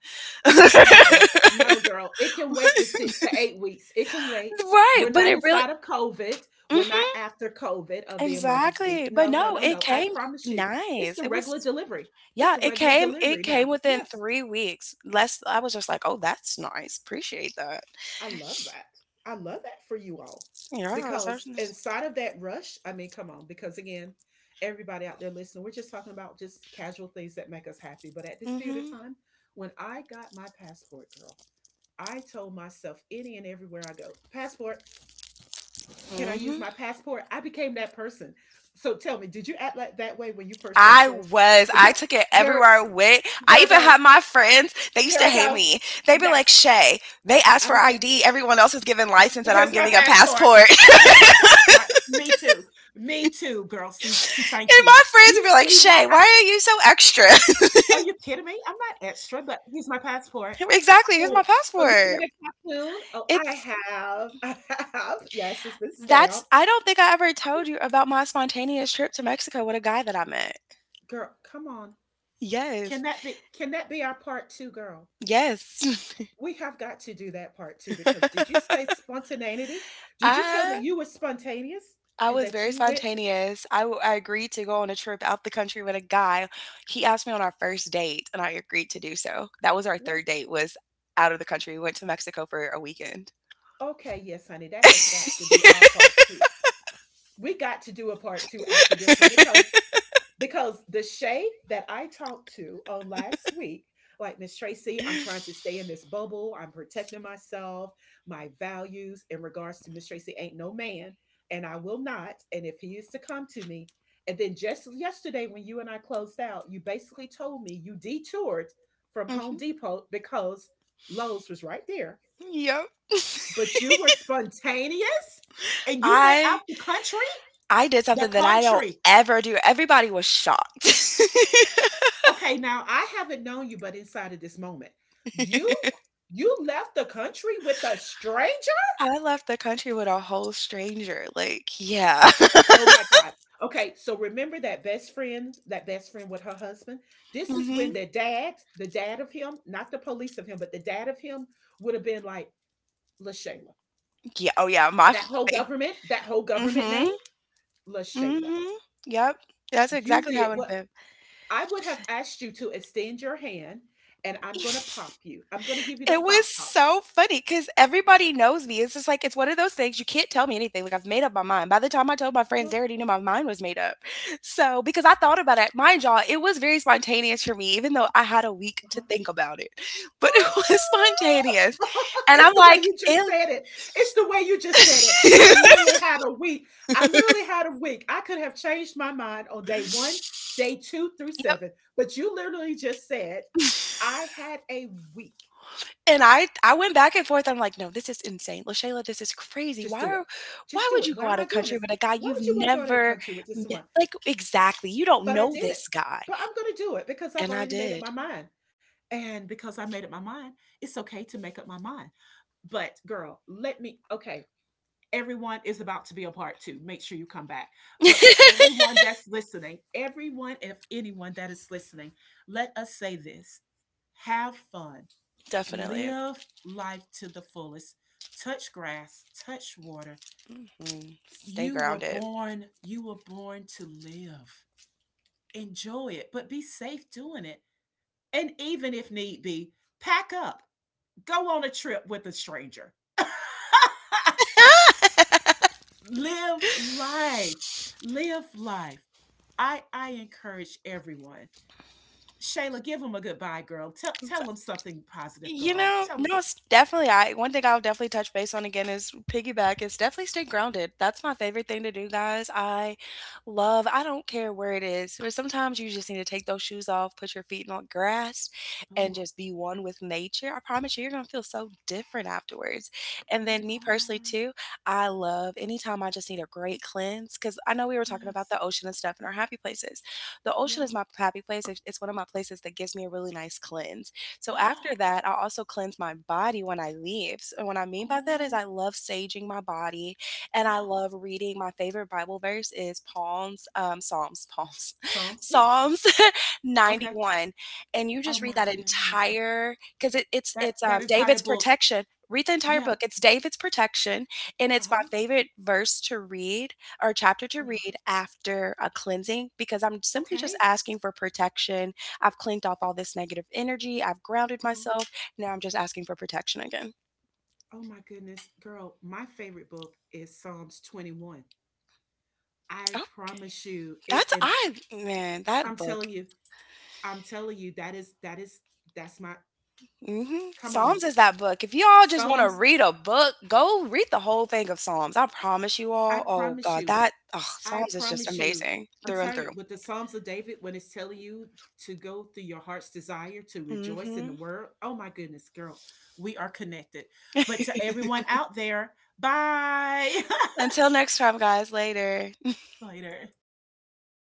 S1: Girl,
S2: Right,
S1: no, no, girl. It can wait to six to eight weeks. It can wait. We're
S2: but
S1: not
S2: it really,
S1: inside of COVID. We're not
S2: hmm,
S1: after COVID of the emergency.
S2: exactly, but
S1: No, no,
S2: no
S1: no,
S2: it
S1: no. I
S2: came
S1: promise
S2: qu-
S1: you, it's
S2: nice.
S1: the
S2: It
S1: regular
S2: was
S1: delivery. It's
S2: Yeah,
S1: the
S2: it
S1: regular
S2: came, it
S1: delivery
S2: came
S1: now.
S2: within
S1: Yes,
S2: three weeks. Less. I was just like, "Oh, that's nice. Appreciate that."
S1: I love that. I love that for you all
S2: Yeah, it's
S1: because
S2: actually
S1: inside of that rush, I mean, come on. Because again, everybody out there listening, we're just talking about just casual things that make us happy. But at
S2: mm.
S1: this period of
S2: Mhm,
S1: time, when I got my passport, girl, I told myself any and everywhere I go, passport, can I use
S2: mhm.
S1: my passport? I became that person. So tell me, did you act like that way when you first got
S2: I
S1: yours?
S2: was,
S1: Uh,
S2: I
S1: Yeah,
S2: took it
S1: here, it-
S2: everywhere I went. I
S1: here I
S2: even
S1: go.
S2: had my friends, they used
S1: Here
S2: to
S1: I
S2: hate
S1: go.
S2: me. They'd be like,
S1: Yes,
S2: "Shay, they asked
S1: I
S2: for
S1: don't care.
S2: I D. Everyone else is giving license and I'm
S1: Here's my
S2: giving a
S1: passport.
S2: passport."
S1: Here's my passport. Me too. Me too, girl. See, see, thank
S2: And
S1: you.
S2: my friends would
S1: You
S2: be like,
S1: see why?
S2: "Shay,
S1: I,
S2: why are you so extra?"
S1: are you kidding me? I'm not extra, but here's my passport.
S2: Exactly, "Here's
S1: Oh,
S2: my
S1: oh, you
S2: passport."
S1: did a cartoon? Oh, I
S2: It's
S1: have. I have. Yes, it's been
S2: That's,
S1: stamped.
S2: I don't think I ever told you about my spontaneous trip to Mexico with a guy that I met.
S1: Girl, come on. Can
S2: Yes.
S1: that be can that be our part two, girl?
S2: Yes.
S1: We have got to do that part two because did you say spontaneity? Did you tell me
S2: I
S1: you were spontaneous
S2: I
S1: and
S2: was
S1: that
S2: very
S1: you went to
S2: spontaneous. I w I agreed to go on a trip out the country with a guy. He asked me on our first date, and I agreed to do so. That was our
S1: what?
S2: third date was out of the country. We went to Mexico for a weekend.
S1: Okay, yes, honey, that has got to be our part two. We got to do a part two after this one because because the Shay that I talked to on last week, like Miss Tracy, I'm trying to stay in this bubble. I'm protecting myself, my values in regards to Miss Tracy ain't no man, and I will not. And if he is to come to me, and then just yesterday when you and I closed out, you basically told me you detoured from Home
S2: Mhm.
S1: Depot because Lowe's was right there,
S2: Yep.
S1: but you were spontaneous and you went out
S2: I
S1: the country,
S2: I did
S1: the
S2: something that I don't
S1: country.
S2: ever do. Everybody was shocked.
S1: Okay, now I haven't known you, but inside of this moment, you you left the country with a stranger?
S2: I left the country with a whole stranger. Like, yeah.
S1: Oh my God. Okay, so remember that best friend, that best friend with her husband? This is
S2: Mhm.
S1: when the dad, the dad of him, not the police of him, but the dad of him would have been like, LaShayla.
S2: Yeah. Oh, yeah. My
S1: That
S2: f.
S1: whole government, that whole government
S2: Mhm.
S1: name, LaShayla.
S2: Mhm. Yep. That's
S1: You
S2: exactly how it
S1: did
S2: would have
S1: what?
S2: been.
S1: I would have asked you to extend your hand and I'm going to pop you. I'm going to give you the
S2: It was
S1: pop pops.
S2: so funny because everybody knows me. It's just like it's one of those things, you can't tell me anything. Like, I've made up my mind. By the time I told my friends,
S1: Uh-huh,
S2: they already knew my mind was made up. So because I thought about it, mind y'all, it was very spontaneous for me, even though I had a week to
S1: uh-huh.
S2: think about it, but it was spontaneous.
S1: Oh,
S2: And
S1: it's
S2: I'm
S1: the way
S2: like,
S1: you just
S2: "Am"
S1: said it. It's the way you just said it. I literally had a week. I literally had a week. I could have changed my mind on day one, day two through
S2: Yep,
S1: seven, but you literally just said, I had a week.
S2: and I I went back and forth, I'm like, "No, this is insane. LaShayla, this is crazy.
S1: Just
S2: Why
S1: do it.
S2: are why
S1: Just do
S2: would
S1: it.
S2: you
S1: Why
S2: go
S1: am
S2: out
S1: I
S2: of
S1: doing
S2: country
S1: this?
S2: with a guy
S1: Why
S2: you've
S1: would you want to go out of the
S2: never
S1: country with this
S2: met?"
S1: one?
S2: Like,
S1: But,
S2: exactly, you don't
S1: but I
S2: know
S1: did
S2: this
S1: it.
S2: guy.
S1: But I'm going to do it because I've
S2: And I
S1: already made up my
S2: did.
S1: mind. And because I made up my mind, it's okay to make up my mind. But girl, let me, okay, everyone is about to be a part two. Make sure you come back. But for everyone that's listening, everyone, if anyone that is listening, let us say this, have fun,
S2: Definitely.
S1: live life to the fullest, touch grass, touch water.
S2: Mhm. Stay
S1: You were
S2: grounded.
S1: born, you were born to live. Enjoy it, but be safe doing it. And even if need be, pack up, go on a trip with a stranger. Live life, live life i i encourage everyone. Shayla, give them a goodbye, girl. Tell tell them something positive,
S2: You
S1: girl.
S2: know,
S1: Tell them.
S2: no, it's definitely I one thing I'll definitely touch base on again is piggyback is definitely stay grounded. That's my favorite thing to do, guys. I Love, I don't care where it is. Or sometimes you just need to take those shoes off, put your feet on grass, and
S1: Oh,
S2: just be one with nature. I promise you, you're gonna feel so different afterwards. And
S1: you
S2: then me personally
S1: are
S2: too, I love anytime I just need a great cleanse, because I know we were talking about
S1: yes.
S2: the ocean and stuff and our happy places. The ocean is
S1: Yeah.
S2: my happy place. It's it's one of my places that gives me a really nice cleanse. So after that, I also cleanse my body when I leave. So what I mean by that is, I
S1: Oh,
S2: love saging my body and I love reading. My favorite Bible verse is Palms, um, Psalms, Palms,
S1: psalms yeah
S2: Psalms
S1: okay
S2: ninety-one. And you
S1: oh
S2: just read
S1: my
S2: that
S1: goodness,
S2: entire, because it, it's
S1: that
S2: it's um,
S1: that entire
S2: David's
S1: book.
S2: protection. Read the entire
S1: Yep.
S2: book. It's David's protection, and it's my
S1: Uh-huh.
S2: favorite verse to read or chapter to
S1: Uh,
S2: read after a cleansing, because I'm simply just
S1: okay.
S2: asking for protection. I've cleaned off all this negative energy. I've grounded
S1: Uh-huh.
S2: myself. Now I'm just asking for protection again.
S1: Oh my goodness, girl, my favorite book is Psalms twenty-one. I
S2: Okay.
S1: promise you it.
S2: That's,
S1: And
S2: I
S1: uh,
S2: man, that
S1: I'm
S2: book.
S1: telling you, I'm telling you, that is that is that's my
S2: Hmm,
S1: come on.
S2: Psalms is that book. If you all just want to
S1: Psalms,
S2: read a book, go read the whole thing of Psalms. I promise you
S1: I
S2: all. Oh
S1: promise
S2: God,
S1: you,
S2: that, oh,
S1: I
S2: Psalms is just
S1: promise you.
S2: amazing
S1: I'm
S2: through and
S1: telling
S2: through.
S1: you, with the Psalms of David, when it's telling you to go through your heart's desire to rejoice in the
S2: Hmm.
S1: word, oh my goodness, girl, we are connected. But to everyone out there, bye.
S2: Until next time, guys. Later.
S1: Later.